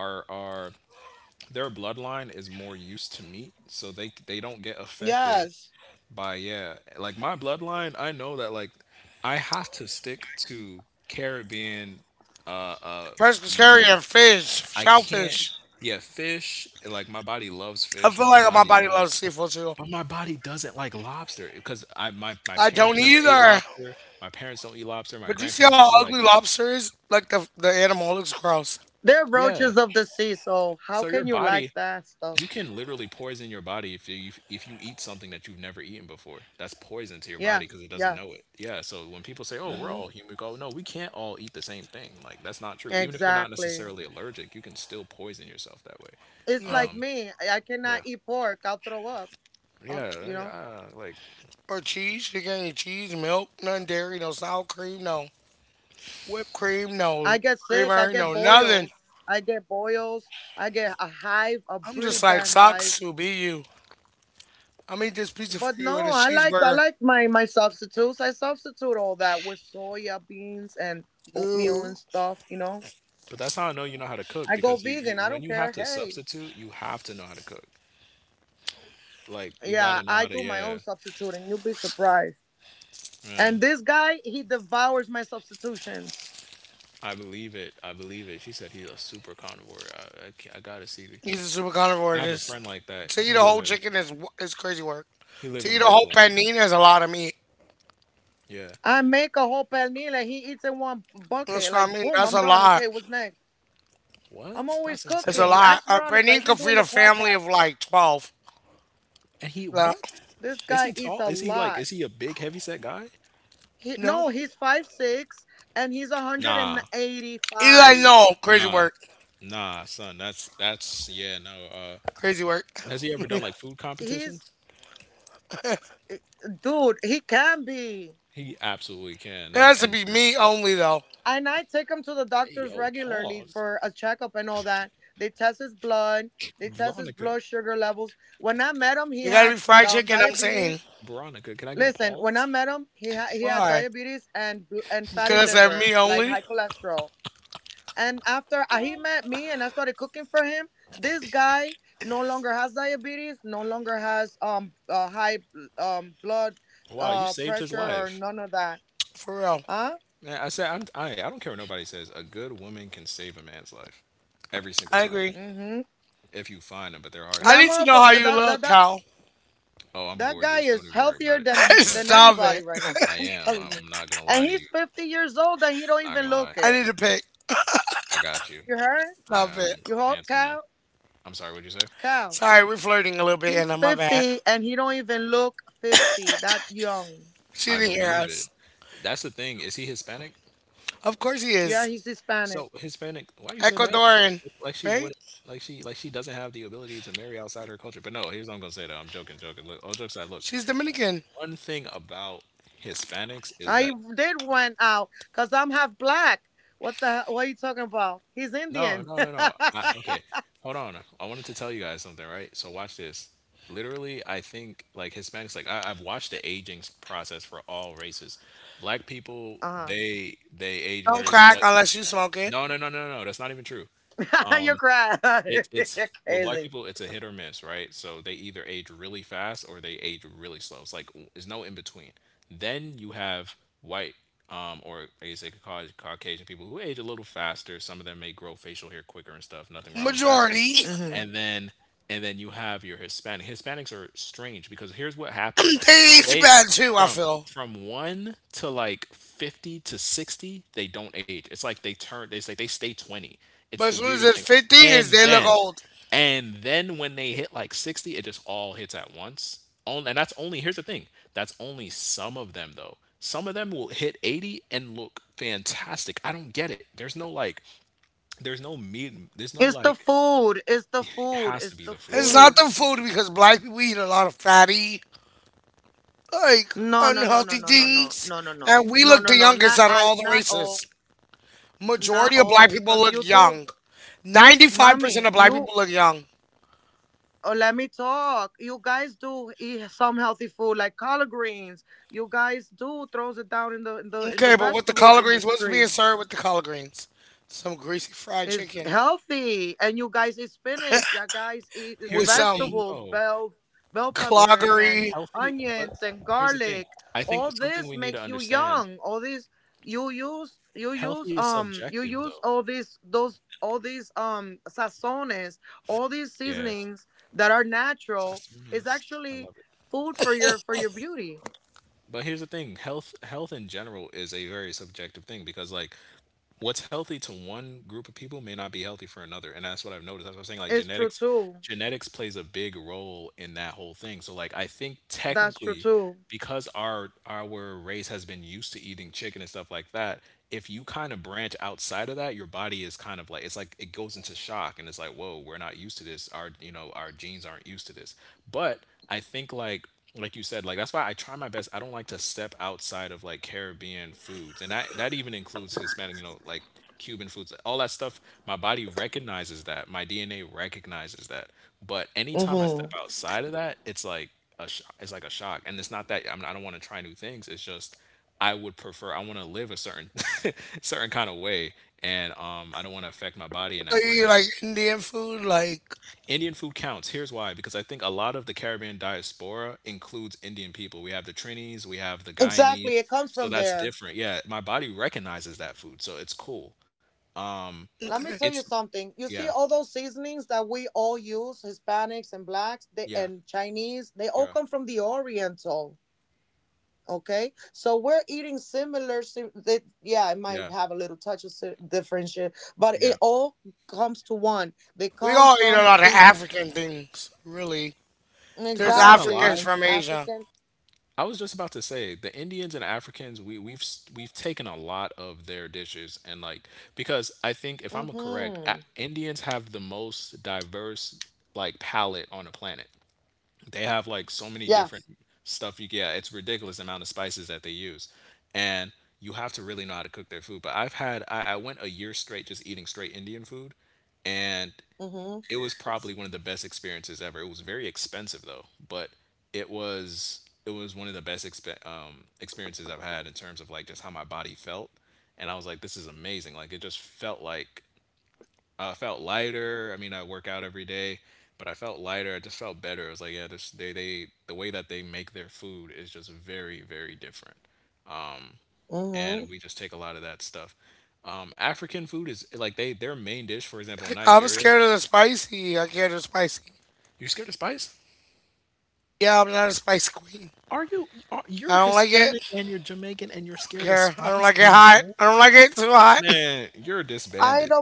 [SPEAKER 2] are their bloodline is more used to meat, so they don't get affected by yeah, like my bloodline, I know that like I have to stick to Caribbean uh uh meat.
[SPEAKER 1] pescatarian, fish,
[SPEAKER 2] I can't
[SPEAKER 1] shellfish.
[SPEAKER 2] yeah, fish, like my body loves
[SPEAKER 1] I
[SPEAKER 2] fish,
[SPEAKER 1] feel
[SPEAKER 2] my
[SPEAKER 1] like my
[SPEAKER 2] body
[SPEAKER 1] body
[SPEAKER 2] loves
[SPEAKER 1] loves seafood too.
[SPEAKER 2] but my body doesn't like lobster because my
[SPEAKER 1] I don't
[SPEAKER 2] parents never ate
[SPEAKER 1] either.
[SPEAKER 2] lobster. My parents don't eat lobster. My
[SPEAKER 1] But do you see
[SPEAKER 2] grandparents
[SPEAKER 1] how
[SPEAKER 2] don't eat
[SPEAKER 1] ugly
[SPEAKER 2] like
[SPEAKER 1] lobster is? Like the animal looks gross.
[SPEAKER 2] yeah. So your body you can literally poison your body if you eat something that you've never eaten before. That's poison to your body because it doesn't know it. Yeah. So when people say, "Oh, we're all human," we go, "No, we can't all eat the same thing." Like that's not true. Even if you're not necessarily allergic, you can still poison yourself that way.
[SPEAKER 1] Yeah.
[SPEAKER 2] Yeah. Yeah. Like,
[SPEAKER 1] Or cheese. You can't eat cheese, milk, none dairy, no sour cream, no whipped cream, no creamer, no nothing. I'm just like socks to be you. I'm eat this pizza for you and this cheeseburger. Ooh,
[SPEAKER 2] but that's how I know you know how to cook because you when you have to substitute, you have to know how to cook. Like you got to know how to. Yeah. Yeah. I believe it. I believe it. She said he's a super carnivore. I gotta see.
[SPEAKER 1] he's a super
[SPEAKER 2] I
[SPEAKER 1] carnivore.
[SPEAKER 2] have a
[SPEAKER 1] This,
[SPEAKER 2] friend like that.
[SPEAKER 1] to eat a whole chicken is crazy work.
[SPEAKER 2] He live
[SPEAKER 1] To eat
[SPEAKER 2] in
[SPEAKER 1] a whole
[SPEAKER 2] Brooklyn.
[SPEAKER 1] panini is a lot of meat.
[SPEAKER 2] Yeah.
[SPEAKER 1] That's what I mean. That's a lot.
[SPEAKER 2] What? That's
[SPEAKER 1] It's a
[SPEAKER 2] insane.
[SPEAKER 1] lot. A panini could feed a family of like 12.
[SPEAKER 2] And he
[SPEAKER 1] No,
[SPEAKER 2] what? Is he tall? Is he like is he a big heavy set guy?
[SPEAKER 1] no.
[SPEAKER 2] Nah.
[SPEAKER 1] He's like no crazy
[SPEAKER 2] Nah.
[SPEAKER 1] work.
[SPEAKER 2] Nah, son. That's yeah, no.
[SPEAKER 1] Crazy work.
[SPEAKER 2] Has he ever done
[SPEAKER 1] [LAUGHS]
[SPEAKER 2] like food competitions? He absolutely can.
[SPEAKER 1] It
[SPEAKER 2] That's
[SPEAKER 1] has to be
[SPEAKER 2] insane.
[SPEAKER 1] meat only though.
[SPEAKER 2] Hey yo, pause. Veronica.
[SPEAKER 1] It gotta be fried chicken. I'm saying
[SPEAKER 2] Veronica, can I get a pause?
[SPEAKER 1] why? Because they're me only.
[SPEAKER 2] Wow, you saved his life.
[SPEAKER 1] For real.
[SPEAKER 2] Man, I said I don't care what nobody says. A good woman can save a man's life every single
[SPEAKER 1] I
[SPEAKER 2] time
[SPEAKER 1] agree.
[SPEAKER 2] if you find them, but they're hard to
[SPEAKER 1] I need
[SPEAKER 2] find.
[SPEAKER 1] to know how you look, Cal.
[SPEAKER 2] Oh, I'm gorgeous. Don't even worry about it.
[SPEAKER 1] [LAUGHS]
[SPEAKER 2] But
[SPEAKER 1] Stop it.
[SPEAKER 2] I am. I'm not gonna lie to you. I'm not gonna lie.
[SPEAKER 1] I need to pick.
[SPEAKER 2] I got you. I
[SPEAKER 1] Stop it.
[SPEAKER 2] am handsome man. I'm sorry. What'd you say?
[SPEAKER 1] Sorry, we're flirting a little bit, Anna. My bad. She
[SPEAKER 2] I
[SPEAKER 1] didn't hear
[SPEAKER 2] believe
[SPEAKER 1] us.
[SPEAKER 2] it. That's the thing. Is he Hispanic?
[SPEAKER 1] Of course he is.
[SPEAKER 2] So Hispanic. Why you said that?
[SPEAKER 1] Ecuadorian,
[SPEAKER 2] Like she
[SPEAKER 1] right?
[SPEAKER 2] wouldn't. Like she. Like she doesn't have the ability to marry outside her culture. But no, here's what I'm gonna say though. I'm joking. Joking. Look. All jokes aside. Look.
[SPEAKER 1] She's Dominican.
[SPEAKER 2] One thing about Hispanics is that No, no, no, no. I, okay, hold on. I wanted to tell you guys something, right? So watch this. Literally, I think like Hispanics, like I've watched the process for all races. Black people, they age
[SPEAKER 1] Don't
[SPEAKER 2] very slow.
[SPEAKER 1] crack unless you smoke it.
[SPEAKER 2] No. That's not even true. Um, it it's well, black people, it's a hit or miss, right? So they either age really fast or they age really slow. It's like there's no in between. Then you have white, or I guess they could call it Caucasian people who age a little faster. Some of them may grow facial hair quicker and stuff. Nothing wrong with that.
[SPEAKER 1] Majority.
[SPEAKER 2] And then and then you have your Hispanic. Hispanics are strange because here's what happens.
[SPEAKER 1] [CLEARS THROAT] They age
[SPEAKER 2] They
[SPEAKER 1] bad too, I
[SPEAKER 2] from
[SPEAKER 1] feel.
[SPEAKER 2] from one to like 50 to 60 they don't age, it's like they say they stay 20, it's
[SPEAKER 1] But
[SPEAKER 2] the
[SPEAKER 1] as soon as
[SPEAKER 2] weirdest
[SPEAKER 1] it's
[SPEAKER 2] thing,
[SPEAKER 1] 50,
[SPEAKER 2] and
[SPEAKER 1] is they look
[SPEAKER 2] then
[SPEAKER 1] old.
[SPEAKER 2] and then when they hit like 60, it just all hits at once. And that's only, here's the thing, that's only some of them though. Some of them will hit 80 and look fantastic. I don't get it. There's no like, there's no meat, there's no like, it has to be the
[SPEAKER 1] It's
[SPEAKER 2] food.
[SPEAKER 1] not the food, because black people eat a lot of fatty, like, unhealthy things. And we look the youngest out of all the races. Majority of black people look young. 95% of black people look young. Okay, but with the collard greens, what's being served with the collard greens? Some greasy fried chicken with
[SPEAKER 2] Here's the
[SPEAKER 1] some
[SPEAKER 2] thing though, the question,
[SPEAKER 1] cloggery,
[SPEAKER 2] healthy, but here's the thing. I think something we need to understand healthy is subjective though. Yeah. Sassoon is. I love it. But here's the thing, health in general is a very subjective thing because like what's healthy to one group of people may not be healthy for another. And that's what I've noticed. That's what I'm saying. Like genetics plays a big role in that whole thing. So like I think technically because our race has been used to eating chicken and stuff like that, if you kind of branch outside of that, your body is kind of like it's like it goes into shock and it's like, whoa, we're not used to this. Our you know, our genes aren't used to this. But I think like you said, like that's why I try my best. I don't like to step outside of like Caribbean foods, and that even includes Hispanic, you know, like Cuban foods, all that stuff. My body recognizes that, my DNA recognizes that. But anytime I step outside of that, it's like it's like a shock, and it's not that I, mean, I don't want to try new things. It's just I would prefer I want to live a certain [LAUGHS] certain kind of way, and I don't want to affect my body in that
[SPEAKER 1] eh,
[SPEAKER 2] way.
[SPEAKER 1] like Indian food. Like,
[SPEAKER 2] Indian food counts. Here's why because I think a lot of the Caribbean diaspora includes Indian people. We have the Trinis, we have the Guyanese. So that's different. Yeah, my body recognizes that food. So it's cool. Um
[SPEAKER 1] okay.
[SPEAKER 2] it's yeah. Yeah. Yeah. Yeah. Yeah.
[SPEAKER 1] We all eat a lot of African things, really.
[SPEAKER 2] I'm
[SPEAKER 1] There's
[SPEAKER 2] not going to
[SPEAKER 1] Africans
[SPEAKER 2] lie.
[SPEAKER 1] from Asia.
[SPEAKER 2] I was just about to say the Indians and Africans we've taken a lot of their dishes and like because I think if I'm correct, A- Indians have the most diverse like palate on the planet. They have like so many different stuff you get. It's ridiculous amount of spices that they use. And you have to really know how to cook their food. But I went a year straight just eating straight Indian food and it was probably one of the best experiences ever. It was very expensive though, but it was one of the best experiences I've had in terms of like just how my body felt. And I was like, this is amazing. Like it just felt like I felt lighter. I mean, I work out every day, but I felt lighter. I just felt better. I was like, yeah, this the way that they make their food is just very very different, and we just take a lot of that stuff. African food is like they their main dish, for example, in
[SPEAKER 1] I'm
[SPEAKER 2] Nigeria.
[SPEAKER 1] scared of the spicy. I can't do spicy.
[SPEAKER 2] You scared of spice?
[SPEAKER 1] Yeah, I'm not a spice queen. I
[SPEAKER 2] You're
[SPEAKER 1] don't like it.
[SPEAKER 2] Hispanic and you're Jamaican and you're
[SPEAKER 1] I don't
[SPEAKER 2] scared of
[SPEAKER 1] care. I don't
[SPEAKER 2] spice
[SPEAKER 1] like it
[SPEAKER 2] and
[SPEAKER 1] hot.
[SPEAKER 2] gold?
[SPEAKER 1] I don't like it too hot. [LAUGHS]
[SPEAKER 2] Man, you're disbanded.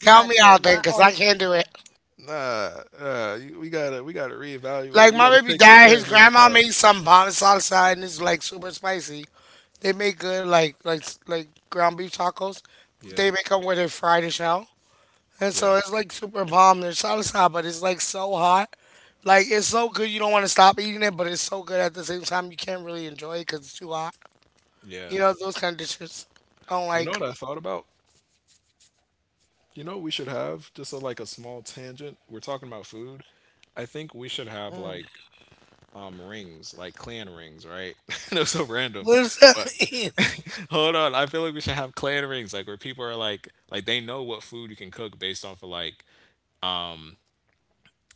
[SPEAKER 1] Count me out then, cause I can't do it.
[SPEAKER 2] Nah, we gotta reevaluate.
[SPEAKER 1] Like
[SPEAKER 2] We
[SPEAKER 1] my
[SPEAKER 2] gotta
[SPEAKER 1] baby
[SPEAKER 2] take your
[SPEAKER 1] dad, his
[SPEAKER 2] Caribbean
[SPEAKER 1] grandma
[SPEAKER 2] card.
[SPEAKER 1] made some bomb salsa, and it's like super spicy. They make good, like ground beef tacos.
[SPEAKER 2] Yeah,
[SPEAKER 1] They make them where they fry the shell, and so
[SPEAKER 2] yeah.
[SPEAKER 1] it's like super bomb. Their salsa, but it's like so hot. Like, it's so good you don't want to stop eating it, but it's so good at the same time you can't really enjoy it cause it's too hot.
[SPEAKER 2] Yeah.
[SPEAKER 1] You know those kind of dishes. I don't
[SPEAKER 2] You know
[SPEAKER 1] like.
[SPEAKER 2] what I thought about? You know what we should have? Just a, like a small tangent. We're talking about food. I think we should have like rings, like clan rings, right? [LAUGHS] I know so random,
[SPEAKER 1] What does
[SPEAKER 2] but
[SPEAKER 1] that mean? [LAUGHS]
[SPEAKER 2] hold on. I feel like we should have clan rings, like where people are like they know what food you can cook based off of like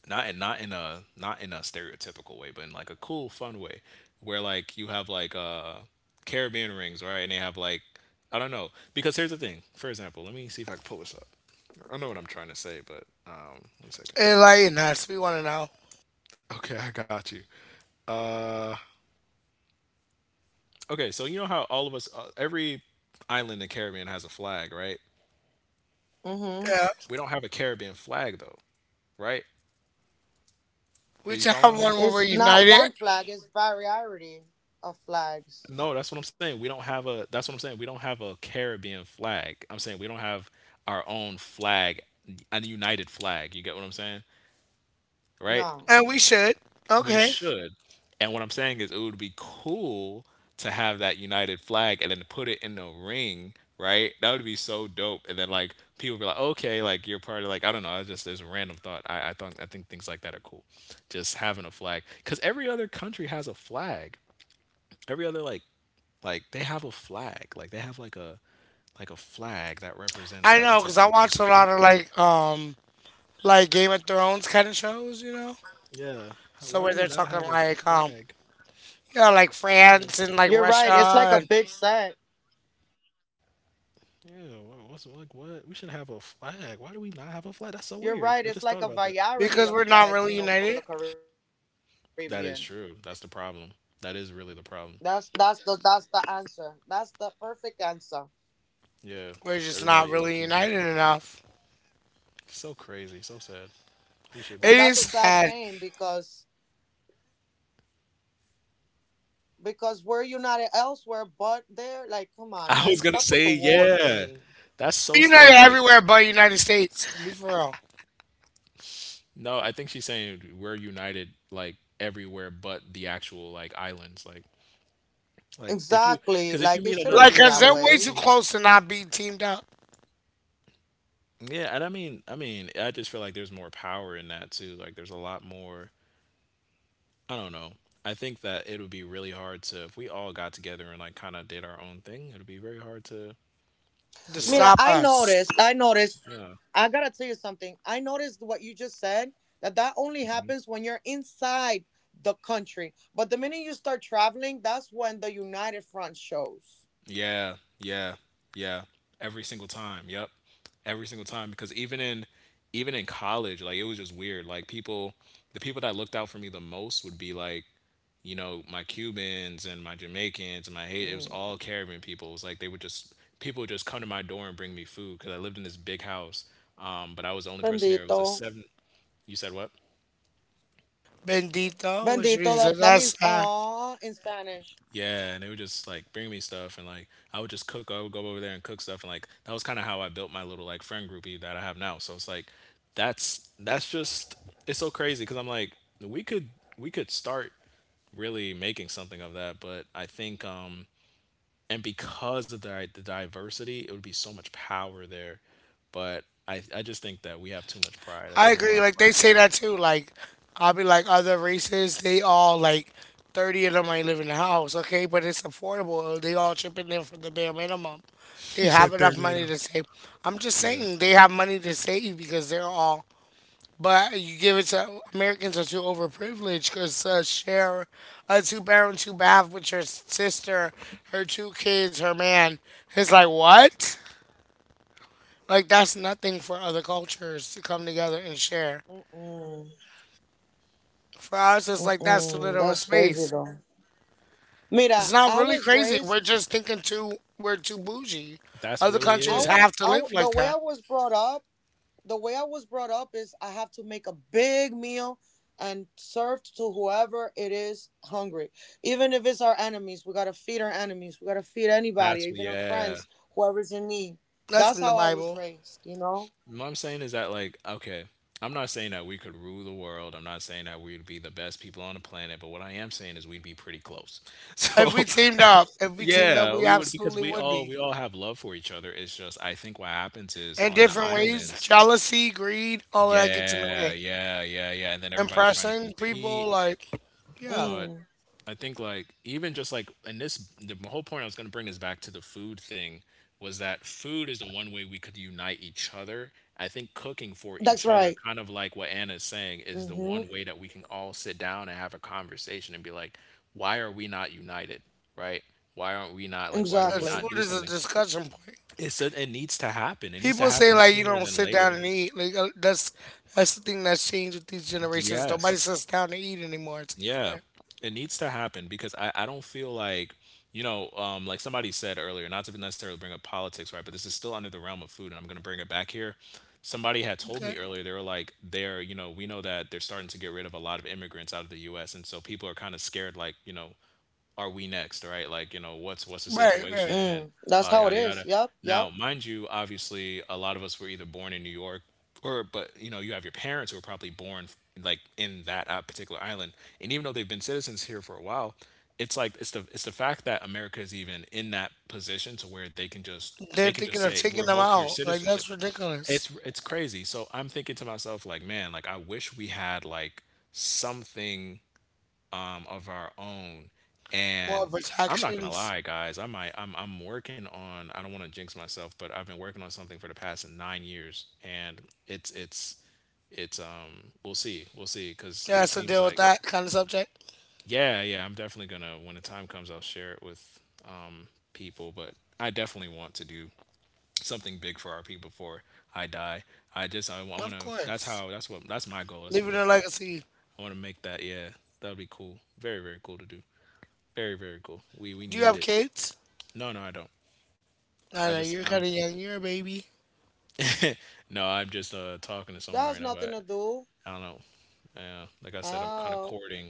[SPEAKER 2] not in a stereotypical way, but in like a cool, fun way, where like you have like Caribbean rings, right? And they have like I don't know because here's the thing. For example, let me see if I can pull this up. I know what I'm trying to say, but one second.
[SPEAKER 1] Enlighten us. We want to know.
[SPEAKER 2] Okay, I got you. Uh, okay, so you know how all of us, every island in the Caribbean has a flag, right?
[SPEAKER 1] Yeah.
[SPEAKER 2] We don't have a Caribbean flag though, right?
[SPEAKER 1] We
[SPEAKER 2] Are you
[SPEAKER 1] should have
[SPEAKER 2] following
[SPEAKER 1] one
[SPEAKER 2] me?
[SPEAKER 1] where we're united,
[SPEAKER 2] No, that's what I'm saying. We don't have a. That's what I'm saying. We don't have a Caribbean flag. I'm saying we don't have our own flag, a united flag. You get what I'm saying, right?
[SPEAKER 1] and we should.
[SPEAKER 2] We
[SPEAKER 1] Okay.
[SPEAKER 2] should. And what I'm saying is, it would be cool to have that united flag and then put it in a ring, right? That would be so dope. And then people would be like, okay, like you're part of I don't know. I just there's a random thought. I thought I think things like that are cool. Just having a flag, because every other country has a flag, every other like they have a flag. Like they have like a flag that represents
[SPEAKER 1] I
[SPEAKER 2] that
[SPEAKER 1] know, cause I
[SPEAKER 2] particular group
[SPEAKER 1] watch a
[SPEAKER 2] of
[SPEAKER 1] lot of
[SPEAKER 2] people.
[SPEAKER 1] like Game of Thrones kind of shows.
[SPEAKER 2] Yeah. How,
[SPEAKER 1] So
[SPEAKER 2] why do
[SPEAKER 1] where
[SPEAKER 2] we
[SPEAKER 1] they're
[SPEAKER 2] not
[SPEAKER 1] talking
[SPEAKER 2] have a flag?
[SPEAKER 1] like
[SPEAKER 2] Yeah.
[SPEAKER 1] France and like Russia, and
[SPEAKER 2] Yeah. What, what's what? We should have a flag. Why do we not have a flag? That's so weird. I just thought about that.
[SPEAKER 1] because we're not really united,
[SPEAKER 2] That is true. That's the problem. That is really the problem. Yeah.
[SPEAKER 1] we're just
[SPEAKER 2] Everybody
[SPEAKER 1] not
[SPEAKER 2] low key
[SPEAKER 1] really
[SPEAKER 2] beefing.
[SPEAKER 1] united enough.
[SPEAKER 2] So crazy. So sad. We should be.
[SPEAKER 1] It is sad.
[SPEAKER 2] [LAUGHS] I was gonna say yeah. That's
[SPEAKER 1] We're
[SPEAKER 2] so
[SPEAKER 1] united
[SPEAKER 2] strange. Like
[SPEAKER 1] everywhere but United States. Be for real.
[SPEAKER 2] no, I think she's saying we're united like everywhere but the actual like islands. Like if you, because if you meet another
[SPEAKER 1] Like, cause they're
[SPEAKER 2] Caribbean
[SPEAKER 1] way too
[SPEAKER 2] person,
[SPEAKER 1] close to not be teamed up
[SPEAKER 2] yeah, and I mean I just feel like there's more power in that too. Like there's a lot more. I don't know. I think that it would be really hard to if we all got together and like kind of did our own thing. It would be very hard to.
[SPEAKER 1] to
[SPEAKER 2] There's a lot of
[SPEAKER 1] stop us.
[SPEAKER 2] yeah. Yeah, yeah, yeah. Every single time. Yep. Every single time because even in college, like it was just weird. Like people, the people that looked out for me the most would be like, you know, my Cubans and my Jamaicans and my Haiti. It was all Caribbean people. It was like they would just, people would just come to my door and bring me food because I lived in this big house. But I was the only person there. It was a seven. You said what?
[SPEAKER 1] Bendito, which means that that's.
[SPEAKER 2] Yeah, and they would just like bring me stuff, and like I would just cook. I would go over there and cook stuff, and like that was kind of how I built my little like friend groupie that I have now. So it's like that's just it's so crazy because I'm like we could, we could start really making something of that, but I think and because of the diversity, it would be so much power there, but I just think that we have too much pride. I
[SPEAKER 1] I
[SPEAKER 2] think there's a
[SPEAKER 1] agree.
[SPEAKER 2] lot of
[SPEAKER 1] Like they
[SPEAKER 2] pride.
[SPEAKER 1] say that too. Like, I'll be like other races, they all like 30 of them might live in the house, okay, but it's affordable. They all chipping in for the bare minimum.
[SPEAKER 2] [LAUGHS] You
[SPEAKER 1] They
[SPEAKER 2] said
[SPEAKER 1] have enough
[SPEAKER 2] 30 of
[SPEAKER 1] money
[SPEAKER 2] them.
[SPEAKER 1] to save. I'm just
[SPEAKER 2] Yeah,
[SPEAKER 1] saying they have money to save because they're all. But you give it to Americans, are too overprivileged because share a two parent two bath with your sister, her two kids, her man. It's like what? Like that's nothing for other cultures to come together and share. For us, it's like that's too little of space. It's not really crazy. We're just thinking too. We're too bougie.
[SPEAKER 2] that's
[SPEAKER 1] Other
[SPEAKER 2] really
[SPEAKER 1] countries
[SPEAKER 2] it.
[SPEAKER 1] have to live like that.
[SPEAKER 2] That's yeah.
[SPEAKER 1] That's in the Bible.
[SPEAKER 2] What I'm saying is that, like, okay, I'm not saying that we could rule the world. I'm not saying that we'd be the best people on the planet, but what I am saying is we'd be pretty close. [LAUGHS] So,
[SPEAKER 1] If we teamed up, if we teamed up,
[SPEAKER 2] yeah,
[SPEAKER 1] we
[SPEAKER 2] we would because
[SPEAKER 1] absolutely
[SPEAKER 2] we
[SPEAKER 1] would
[SPEAKER 2] all
[SPEAKER 1] be,
[SPEAKER 2] we all have love for each other. It's just I think what happens is
[SPEAKER 1] in
[SPEAKER 2] on the
[SPEAKER 1] different ways.
[SPEAKER 2] islands,
[SPEAKER 1] Jealousy, greed, all of that gets in the
[SPEAKER 2] yeah,
[SPEAKER 1] way.
[SPEAKER 2] yeah, yeah, yeah, and then everybody's trying to
[SPEAKER 1] Impressing people,
[SPEAKER 2] compete,
[SPEAKER 1] like, yeah,
[SPEAKER 2] but I think like even just like and this, the whole point I was going to bring is back to the food thing was that food is the one way we could unite each other. I think cooking for each other, kind of like what Anna is saying, is the one way that we can all sit down and have a conversation and be like, why are we not united, right? Why aren't we not like why do we
[SPEAKER 1] 'cause
[SPEAKER 2] not do
[SPEAKER 1] food is a
[SPEAKER 2] something?
[SPEAKER 1] discussion point.
[SPEAKER 2] It's a, it needs to happen. It needs to
[SPEAKER 1] People say
[SPEAKER 2] happen
[SPEAKER 1] like you
[SPEAKER 2] sooner
[SPEAKER 1] don't
[SPEAKER 2] than
[SPEAKER 1] sit down
[SPEAKER 2] later.
[SPEAKER 1] and eat. Like, that's the thing that's changed with these generations.
[SPEAKER 2] Yes.
[SPEAKER 1] Nobody sits down to eat anymore
[SPEAKER 2] Yeah,
[SPEAKER 1] together.
[SPEAKER 2] it needs to happen because I don't feel like, you know, like somebody said earlier, not to necessarily bring up politics, right? But this is still under the realm of food, and I'm going to bring it back here. Somebody had told
[SPEAKER 1] Okay,
[SPEAKER 2] me
[SPEAKER 1] okay.
[SPEAKER 2] earlier, they were like, they're, you know, we know that they're starting to get rid of a lot of immigrants out of the US. And so people are kind of scared, like, you know, are we next, right? Like, you know, what's the
[SPEAKER 1] Right, right.
[SPEAKER 2] situation and blah yada yada. Now, mind you, obviously, a lot of us were either born in New York or, but you know, you have your parents who were probably born like in that particular island, and even though they've been citizens here for a while, it's like it's the fact that America is even in that position to where they can just they
[SPEAKER 1] They're
[SPEAKER 2] can just
[SPEAKER 1] thinking of
[SPEAKER 2] say
[SPEAKER 1] taking them
[SPEAKER 2] revoke your
[SPEAKER 1] out. Like,
[SPEAKER 2] citizenship.
[SPEAKER 1] that's ridiculous.
[SPEAKER 2] It's crazy. So I'm thinking to myself like, man, like I wish we had like something of our own.
[SPEAKER 1] More
[SPEAKER 2] And I'm not gonna
[SPEAKER 1] protections.
[SPEAKER 2] lie, guys. I might. I'm. I'm working on. I don't want to jinx myself, but I've been working on something for the past 9 years, and it's. It's. It's. We'll see. We'll see. Because
[SPEAKER 1] Yeah,
[SPEAKER 2] it
[SPEAKER 1] has to
[SPEAKER 2] seems
[SPEAKER 1] deal with
[SPEAKER 2] like.
[SPEAKER 1] that kind of subject.
[SPEAKER 2] Yeah. Yeah. I'm definitely gonna. When the time comes, I'll share it with people, but I definitely want to do something big for our people before I die. I just. I, want
[SPEAKER 1] Of
[SPEAKER 2] to. That's
[SPEAKER 1] course.
[SPEAKER 2] how. That's what. That's my goal. That's
[SPEAKER 1] Leaving
[SPEAKER 2] where
[SPEAKER 1] a
[SPEAKER 2] I.
[SPEAKER 1] legacy.
[SPEAKER 2] I want to make that. Yeah. That would be cool. Very. Very cool to do. Very, very cool. We
[SPEAKER 1] Do you
[SPEAKER 2] need
[SPEAKER 1] have
[SPEAKER 2] it.
[SPEAKER 1] kids?
[SPEAKER 2] No, no, I don't. I
[SPEAKER 1] I know
[SPEAKER 2] just
[SPEAKER 1] you're
[SPEAKER 2] I'm
[SPEAKER 1] kind of young. You're a baby.
[SPEAKER 2] no, I'm just talking to someone right now, but I don't know. Yeah, like I said, I'm kind of courting.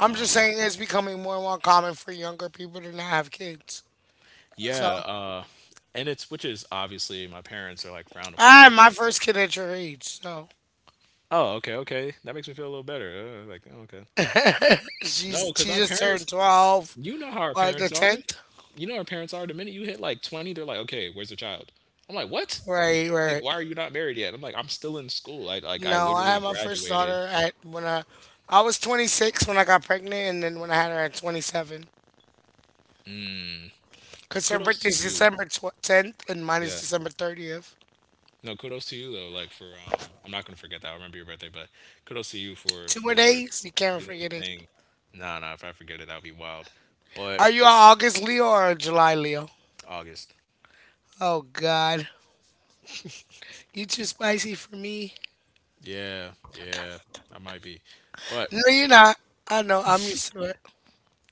[SPEAKER 1] I'm just saying it's becoming more and more common for younger people to not have kids. That's
[SPEAKER 2] Yeah,
[SPEAKER 1] all.
[SPEAKER 2] and it's which is obviously my parents are like frowned
[SPEAKER 1] I
[SPEAKER 2] upon.
[SPEAKER 1] had my first kid at your age, so
[SPEAKER 2] Oh, okay, okay. That makes me feel a little better. Like, oh, okay.
[SPEAKER 1] [LAUGHS]
[SPEAKER 2] No,
[SPEAKER 1] she's
[SPEAKER 2] because
[SPEAKER 1] she
[SPEAKER 2] our
[SPEAKER 1] just turned
[SPEAKER 2] parents,
[SPEAKER 1] 12
[SPEAKER 2] you know how our
[SPEAKER 1] on
[SPEAKER 2] parents
[SPEAKER 1] the
[SPEAKER 2] are.
[SPEAKER 1] 10th.
[SPEAKER 2] You know how our parents are. The minute you hit like 20, they're like, okay, where's the child? I'm like, what?
[SPEAKER 1] Right,
[SPEAKER 2] Like,
[SPEAKER 1] right.
[SPEAKER 2] why are you not married yet? I'm like, I'm still in school. I
[SPEAKER 1] No, I
[SPEAKER 2] literally
[SPEAKER 1] had my first
[SPEAKER 2] graduated.
[SPEAKER 1] daughter at when I was 26 when I got pregnant, and then when I had her at 27.
[SPEAKER 2] Mm,
[SPEAKER 1] Cause her
[SPEAKER 2] kudos to
[SPEAKER 1] birthday's
[SPEAKER 2] you.
[SPEAKER 1] December 10th, and mine
[SPEAKER 2] Yeah.
[SPEAKER 1] is December 30th.
[SPEAKER 2] No, kudos to you though. Like for I'm not gonna forget that. I remember your birthday, but kudos to you for
[SPEAKER 1] Two more days, you can't
[SPEAKER 2] doing your
[SPEAKER 1] forget it.
[SPEAKER 2] thing. Nah, nah. If I forget it, that would be wild. But
[SPEAKER 1] Are you a August Leo or a July Leo?
[SPEAKER 2] August.
[SPEAKER 1] Oh God, you too spicy for me.
[SPEAKER 2] Yeah, yeah. I might be, but
[SPEAKER 1] No, you're not. I know. I'm used to it.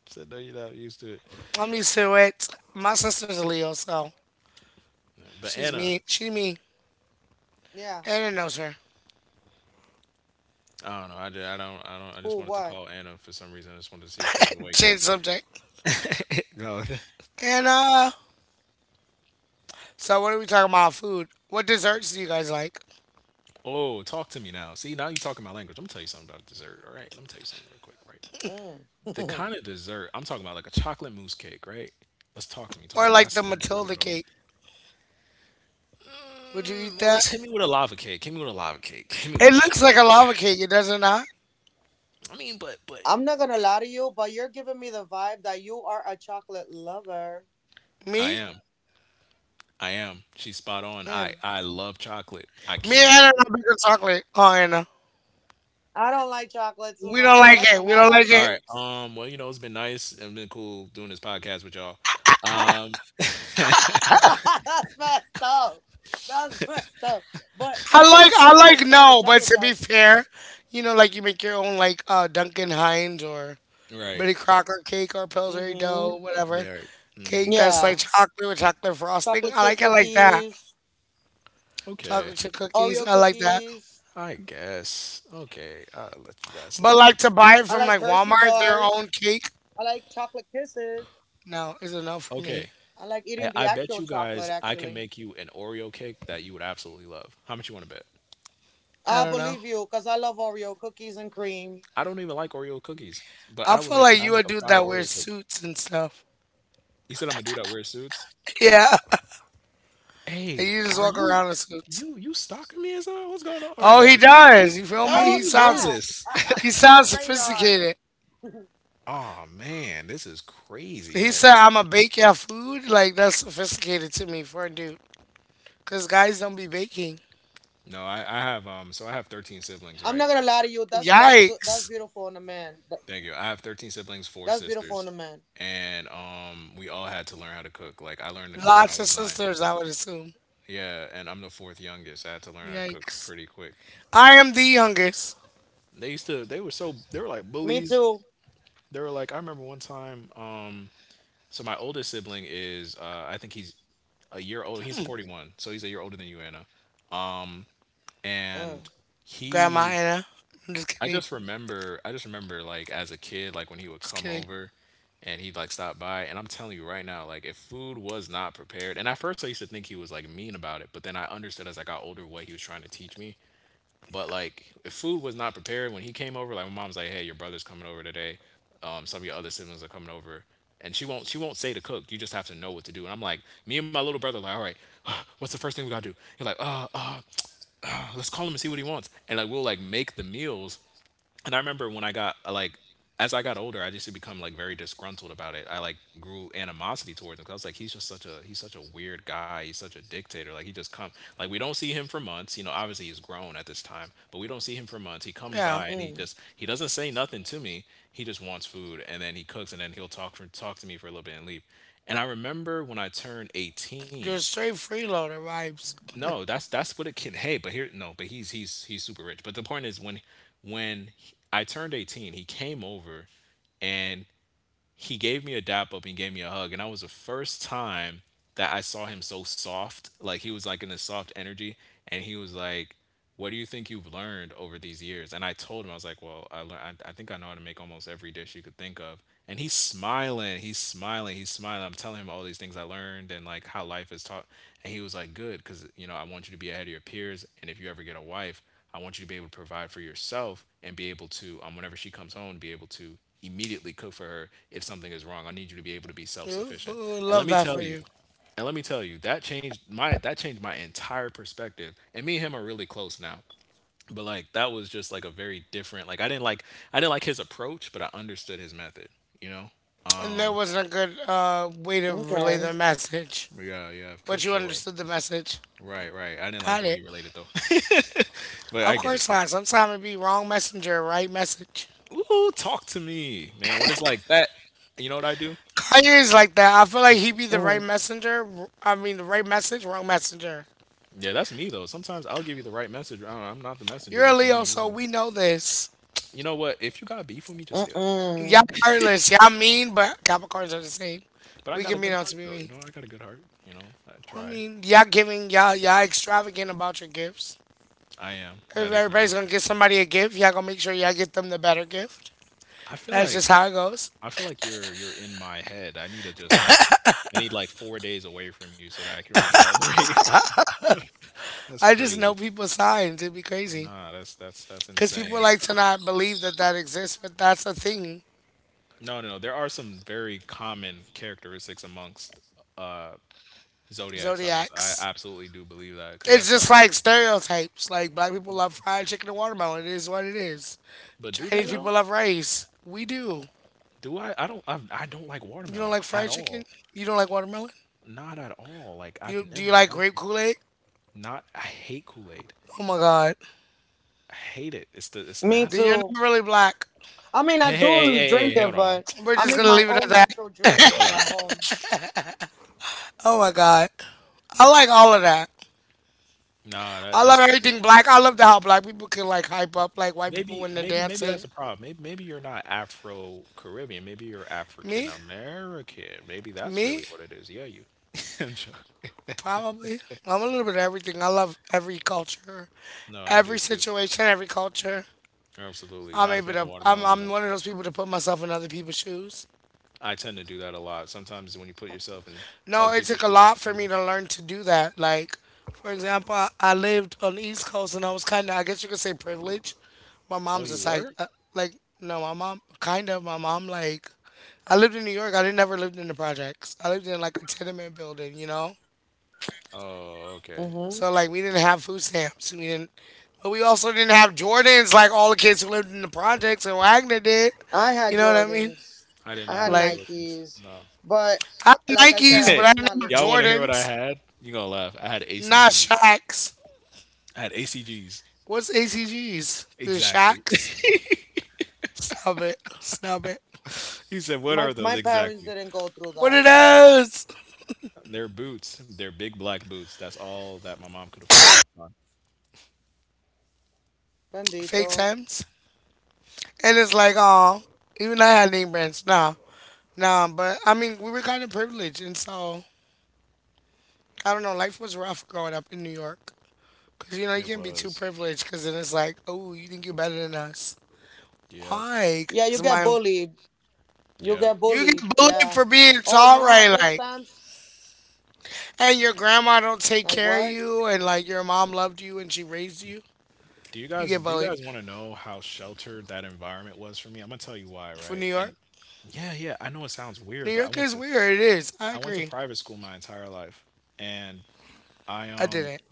[SPEAKER 2] said no, you're not used to it.
[SPEAKER 1] I'm used to it. My sister's a Leo, so
[SPEAKER 2] But
[SPEAKER 1] she's
[SPEAKER 2] Anna,
[SPEAKER 1] me. She me. Anna knows her.
[SPEAKER 2] I don't know. I, ju- I don't. I don't. I just wanted to call Anna for some reason. I just wanted to see if she was
[SPEAKER 1] [LAUGHS]
[SPEAKER 2] awake.
[SPEAKER 1] Change subject.
[SPEAKER 2] [LAUGHS] no. [LAUGHS]
[SPEAKER 1] And. So what are we talking about? Food. What desserts do you guys like?
[SPEAKER 2] Oh, talk to me now. See, now you talking my language. Let me tell you something about dessert. All right. Let me tell you something real quick. Right. The kind of dessert I'm talking about, like a chocolate mousse cake, right? Let's talk to me, talk
[SPEAKER 1] Or
[SPEAKER 2] to me.
[SPEAKER 1] like
[SPEAKER 2] That's
[SPEAKER 1] the
[SPEAKER 2] start
[SPEAKER 1] Matilda
[SPEAKER 2] that off.
[SPEAKER 1] cake? Would you eat
[SPEAKER 2] Mm, well,
[SPEAKER 1] that?
[SPEAKER 2] let's hit me with a lava cake. Hit me with a lava cake. Hit me
[SPEAKER 1] It
[SPEAKER 2] with that,
[SPEAKER 1] looks like
[SPEAKER 2] right?
[SPEAKER 1] a lava cake. It does it not?
[SPEAKER 2] I mean, but I
[SPEAKER 1] Me?
[SPEAKER 2] am, I am. She's spot on. I love chocolate. I
[SPEAKER 1] Me and
[SPEAKER 2] can't
[SPEAKER 1] Anna
[SPEAKER 2] help it.
[SPEAKER 1] not like chocolate. Oh Anna, we don't like it. We don't like
[SPEAKER 2] All
[SPEAKER 1] it.
[SPEAKER 2] right. Well, you know, it's been nice. It's been cool doing this podcast with y'all. Um. [LAUGHS]
[SPEAKER 1] I like no, but to be fair, like you make your own like Duncan Hines or
[SPEAKER 2] right.
[SPEAKER 1] Betty Crocker cake or Pillsbury dough, whatever
[SPEAKER 2] Yeah. Right. Mm-hmm.
[SPEAKER 1] cake that's like chocolate with chocolate frosting. I like it like that. Chocolate
[SPEAKER 2] Okay.
[SPEAKER 1] chip cookies, I like that.
[SPEAKER 2] I guess. Okay. I'll let you guys
[SPEAKER 1] But
[SPEAKER 2] slide.
[SPEAKER 1] like to buy it from like Walmart, their own cake. No, it's a no for me.
[SPEAKER 2] Okay. I bet you guys I can make you an Oreo cake that you would absolutely love. How much you want to bet?
[SPEAKER 1] I don't know.
[SPEAKER 2] I don't even like Oreo cookies, but
[SPEAKER 1] I feel like
[SPEAKER 2] I
[SPEAKER 1] you a
[SPEAKER 2] make a
[SPEAKER 1] dude
[SPEAKER 2] fire
[SPEAKER 1] that wears
[SPEAKER 2] Oreo cake.
[SPEAKER 1] suits and stuff. [LAUGHS]
[SPEAKER 2] You said I'm a dude that wears suits.
[SPEAKER 1] Yeah.
[SPEAKER 2] Hey,
[SPEAKER 1] Like you just
[SPEAKER 2] are
[SPEAKER 1] walk
[SPEAKER 2] you,
[SPEAKER 1] around in suits.
[SPEAKER 2] you stalking me or something? What's going on right
[SPEAKER 1] Oh,
[SPEAKER 2] now?
[SPEAKER 1] he does. You feel
[SPEAKER 2] How do
[SPEAKER 1] me?
[SPEAKER 2] you
[SPEAKER 1] He
[SPEAKER 2] know
[SPEAKER 1] sounds
[SPEAKER 2] this? [LAUGHS]
[SPEAKER 1] he sounds sophisticated.
[SPEAKER 2] oh man, this is crazy,
[SPEAKER 1] He
[SPEAKER 2] man.
[SPEAKER 1] said, "I'm a bake your food." Like that's sophisticated to me for a dude, cause guys don't be baking.
[SPEAKER 2] No, I have so I have 13 siblings, right?
[SPEAKER 1] Yikes!
[SPEAKER 2] Thank you. I have 13 siblings, four sisters, and we all had to learn how to cook. Like I learned to cook when I
[SPEAKER 1] Lots of
[SPEAKER 2] was nine.
[SPEAKER 1] sisters, I would assume.
[SPEAKER 2] Yeah, and I'm the fourth youngest. I had to learn how to cook
[SPEAKER 1] Yikes!
[SPEAKER 2] pretty quick.
[SPEAKER 1] I am the youngest,
[SPEAKER 2] They used to, they were so they were like bullies. They were like I remember one time so my oldest sibling is I think he's a year old. He's 41. So he's a year older than you, Anna. Um and
[SPEAKER 1] Grandma
[SPEAKER 2] he
[SPEAKER 1] Anna. I'm just
[SPEAKER 2] I
[SPEAKER 1] kidding.
[SPEAKER 2] just remember, like as a kid, like when he would
[SPEAKER 1] Just
[SPEAKER 2] come
[SPEAKER 1] kidding.
[SPEAKER 2] over and he'd like stop by, and I'm telling you right now, like if food was not prepared. And at first I used to think he was like mean about it, but then I understood as I got older what he was trying to teach me. But like, if food was not prepared when he came over, like my mom's like, "Hey, your brother's coming over today. Some of your other siblings are coming over," and she won't say to cook. You just have to know what to do. And I'm like, me and my little brother, like, all right, [SIGHS] what's the first thing we gotta do? He's like, [TSK] let's call him and see what he wants. And like, we'll like make the meals. And I remember when I got like as I got older, I just had become like very disgruntled about it. I like grew animosity towards him because I was like, he's such a weird guy. He's such a dictator. Like he just come, like we don't see him for months. You know, obviously he's grown at this time, but we don't see him for months. He comes
[SPEAKER 1] Yeah,
[SPEAKER 2] by and he doesn't say nothing to me. He just wants food, and then he cooks, and then he'll talk to me for a little bit and leave. And I remember when I turned 18,
[SPEAKER 1] you're straight freeloader vibes.
[SPEAKER 2] no, that's what it can. Hey, but here no, but he's super rich. But the point is when when I turned 18, he came over, and he gave me a dap up, he gave me a hug, and that was the first time that I saw him so soft. Like he was like in a soft energy, and he was like, what do you think you've learned over these years? And I told him, I was like, well, I think I know how to make almost every dish you could think of. And he's smiling, I'm telling him all these things I learned and like how life is taught. And he was like, good, because you know, I want you to be ahead of your peers, and if you ever get a wife, I want you to be able to provide for yourself, and be able to, whenever she comes home, be able to immediately cook for her if something is wrong. I need you to be able to be self
[SPEAKER 1] Ooh,
[SPEAKER 2] sufficient.
[SPEAKER 1] ooh,
[SPEAKER 2] And let
[SPEAKER 1] love
[SPEAKER 2] me
[SPEAKER 1] that
[SPEAKER 2] tell
[SPEAKER 1] for
[SPEAKER 2] you,
[SPEAKER 1] you.
[SPEAKER 2] that changed my entire perspective. And me and him are really close now. But like that was just like a very different, like I didn't like his approach, but I understood his method, you know?
[SPEAKER 1] And there wasn't a good way to relay the message,
[SPEAKER 2] Yeah, yeah, for
[SPEAKER 1] but you
[SPEAKER 2] sure.
[SPEAKER 1] understood the message.
[SPEAKER 2] Right, right. I didn't like the
[SPEAKER 1] Got
[SPEAKER 2] way
[SPEAKER 1] it.
[SPEAKER 2] he related though. [LAUGHS] But
[SPEAKER 1] Of
[SPEAKER 2] I get it
[SPEAKER 1] course
[SPEAKER 2] though.
[SPEAKER 1] not. Sometimes it be wrong messenger, right message.
[SPEAKER 2] Ooh, talk to me, man. When it's like that, you know what I do?
[SPEAKER 1] Kanye is like that. I feel like
[SPEAKER 2] You,
[SPEAKER 1] he be the right messenger. I mean, the right message, wrong messenger.
[SPEAKER 2] yeah, that's me though. Sometimes I'll give you the right message. I don't know, I'm not the messenger
[SPEAKER 1] You're a
[SPEAKER 2] that you want
[SPEAKER 1] Leo,
[SPEAKER 2] to hear
[SPEAKER 1] so
[SPEAKER 2] though.
[SPEAKER 1] we know this.
[SPEAKER 2] You know what? If you got beef with me, just say that.
[SPEAKER 1] Y'all heartless. Y'all mean, but Capricorns are the same.
[SPEAKER 2] But I
[SPEAKER 1] We
[SPEAKER 2] got
[SPEAKER 1] can
[SPEAKER 2] a
[SPEAKER 1] mean
[SPEAKER 2] good
[SPEAKER 1] out to
[SPEAKER 2] heart
[SPEAKER 1] be
[SPEAKER 2] though. You
[SPEAKER 1] mean.
[SPEAKER 2] know, I got a good heart. You know, I
[SPEAKER 1] I
[SPEAKER 2] try.
[SPEAKER 1] mean, y'all giving, y'all extravagant about your gifts.
[SPEAKER 2] I am.
[SPEAKER 1] If
[SPEAKER 2] That is very
[SPEAKER 1] everybody's gonna
[SPEAKER 2] true.
[SPEAKER 1] get somebody a gift, y'all gonna make sure y'all get them the better gift.
[SPEAKER 2] I feel
[SPEAKER 1] That's
[SPEAKER 2] like
[SPEAKER 1] just how it goes.
[SPEAKER 2] I feel like you're in my head. I need to just like, I need like 4 days away from you so that I can recalibrate. [LAUGHS] That's
[SPEAKER 1] I just
[SPEAKER 2] crazy.
[SPEAKER 1] know people's signs. It'd be crazy.
[SPEAKER 2] Nah, that's
[SPEAKER 1] Because people
[SPEAKER 2] insane.
[SPEAKER 1] like to not believe that that exists, but that's a thing.
[SPEAKER 2] No, no, no. There are some very common characteristics amongst uh zodiac signs. I
[SPEAKER 1] Zodiacs.
[SPEAKER 2] absolutely do believe that because
[SPEAKER 1] It's
[SPEAKER 2] that's
[SPEAKER 1] just
[SPEAKER 2] like,
[SPEAKER 1] like stereotypes. Like black people love fried chicken and watermelon. It is what it is.
[SPEAKER 2] but do they
[SPEAKER 1] Chinese
[SPEAKER 2] though?
[SPEAKER 1] people love rice. We do.
[SPEAKER 2] Do I? I don't. I don't like
[SPEAKER 1] You don't
[SPEAKER 2] watermelon
[SPEAKER 1] like
[SPEAKER 2] at
[SPEAKER 1] fried chicken?
[SPEAKER 2] all.
[SPEAKER 1] You don't like watermelon?
[SPEAKER 2] Not at all. Like I've
[SPEAKER 1] You
[SPEAKER 2] never
[SPEAKER 1] like
[SPEAKER 2] liked
[SPEAKER 1] grape
[SPEAKER 2] it.
[SPEAKER 1] Kool Aid?
[SPEAKER 2] Not. I hate Kool Aid.
[SPEAKER 1] Oh my God.
[SPEAKER 2] I hate it. It's the. It's
[SPEAKER 1] Then you're
[SPEAKER 2] nasty.
[SPEAKER 1] not really black.
[SPEAKER 2] Hold on.
[SPEAKER 1] We're just gonna leave it at that.
[SPEAKER 2] Hold on.
[SPEAKER 1] Oh my God. I like all of that.
[SPEAKER 2] Nah, that
[SPEAKER 1] I
[SPEAKER 2] that
[SPEAKER 1] love
[SPEAKER 2] stuff is.
[SPEAKER 1] everything black. I love to how black people can like hype up like white people when they're
[SPEAKER 2] Maybe
[SPEAKER 1] dancing.
[SPEAKER 2] that's a problem. Maybe you're not Afro Caribbean. Maybe you're African
[SPEAKER 1] Me,
[SPEAKER 2] American. Maybe that's
[SPEAKER 1] me,
[SPEAKER 2] really what it is. Yeah, you. [LAUGHS] I'm jo-
[SPEAKER 1] probably. I'm a little bit of everything. I love every culture,
[SPEAKER 2] No, I do
[SPEAKER 1] every
[SPEAKER 2] too.
[SPEAKER 1] situation, every culture.
[SPEAKER 2] Absolutely.
[SPEAKER 1] I'm
[SPEAKER 2] Not a
[SPEAKER 1] able
[SPEAKER 2] fan of
[SPEAKER 1] to. I'm
[SPEAKER 2] watermelon. No.
[SPEAKER 1] I'm one of those people to put myself in other people's shoes.
[SPEAKER 2] I tend to do that a lot. Sometimes when you put yourself in other
[SPEAKER 1] No, it
[SPEAKER 2] people's
[SPEAKER 1] took a
[SPEAKER 2] shoes
[SPEAKER 1] lot
[SPEAKER 2] too
[SPEAKER 1] for me to
[SPEAKER 2] much.
[SPEAKER 1] learn to do that. Like, for example, I lived on the East Coast and I was kind of, I guess you could say, privileged. My
[SPEAKER 2] Oh,
[SPEAKER 1] mom's a
[SPEAKER 2] you
[SPEAKER 1] psych.
[SPEAKER 2] were?
[SPEAKER 1] Like, no, my mom, kind of. My mom, like, I lived in New York. I didn't never lived in the projects. I lived in like a tenement building, you know.
[SPEAKER 2] Oh, okay.
[SPEAKER 1] So like we didn't have food stamps. We didn't, but we also didn't have Jordans like all the kids who lived in the projects and Wagner did. You know what I mean?
[SPEAKER 2] I did not have
[SPEAKER 1] Like
[SPEAKER 2] Jordans. No.
[SPEAKER 1] I had Nikes, but I
[SPEAKER 2] [LAUGHS]
[SPEAKER 1] didn't have
[SPEAKER 2] Y'all want to hear what I
[SPEAKER 1] Jordans.
[SPEAKER 2] had? You're gonna laugh. I had
[SPEAKER 1] Not
[SPEAKER 2] ACGs.
[SPEAKER 1] Shacks.
[SPEAKER 2] I had ACGs.
[SPEAKER 1] What's ACGs? The
[SPEAKER 2] Exactly.
[SPEAKER 1] Shacks.
[SPEAKER 2] [LAUGHS]
[SPEAKER 1] Stop it. Stop it.
[SPEAKER 2] He said, "What are those exactly?"
[SPEAKER 1] What are those?
[SPEAKER 2] They're boots. They're big black boots. That's all that my mom could afford at the time.
[SPEAKER 1] Fake Times. And it's like, oh, even I had name brands. Nah, nah. But I mean, we were kind of privileged, and so I don't know. Life was rough growing up in New York. Because, you know, you
[SPEAKER 2] It
[SPEAKER 1] can not be too
[SPEAKER 2] was.
[SPEAKER 1] privileged because then it's like, oh, you think you're better than us.
[SPEAKER 2] Yep.
[SPEAKER 1] Why? Because my.
[SPEAKER 2] Yep.
[SPEAKER 1] You get bullied for being tall, right? Like, and your grandma don't take care of you, and like your mom loved you and she raised you. You get
[SPEAKER 2] Do you
[SPEAKER 1] bullied
[SPEAKER 2] guys want to know how sheltered that environment was for me? I'm gonna tell you why,
[SPEAKER 1] for
[SPEAKER 2] right?
[SPEAKER 1] New
[SPEAKER 2] And
[SPEAKER 1] York.
[SPEAKER 2] yeah, yeah, I know it sounds weird,
[SPEAKER 1] New
[SPEAKER 2] but
[SPEAKER 1] York is weird. It is. I
[SPEAKER 2] I went to
[SPEAKER 1] agree.
[SPEAKER 2] private school my entire life, and I
[SPEAKER 1] I didn't.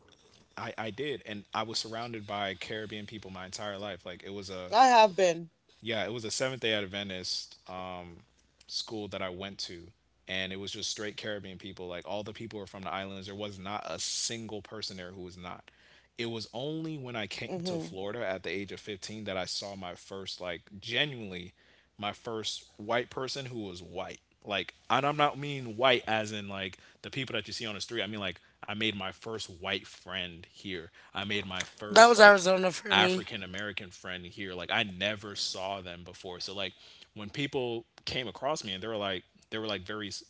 [SPEAKER 2] I did, and I was surrounded by Caribbean people my entire life. Like it was a, yeah, it was a Seventh Day Adventist school that I went to, and it was just straight Caribbean people. Like all the people were from the islands. There was not a single person there who was not. It was only when I came to Florida at the age of 15 that I saw my first, like, genuinely, my first white person who was white. Like, and I'm not mean white as in like the people that you see on the street. I mean like I made my first white friend here. I made my
[SPEAKER 1] That
[SPEAKER 2] first
[SPEAKER 1] was
[SPEAKER 2] like
[SPEAKER 1] Arizona for me.
[SPEAKER 2] African American friend here. Like I never saw them before. So like when people came across me and they were like, they were like very s-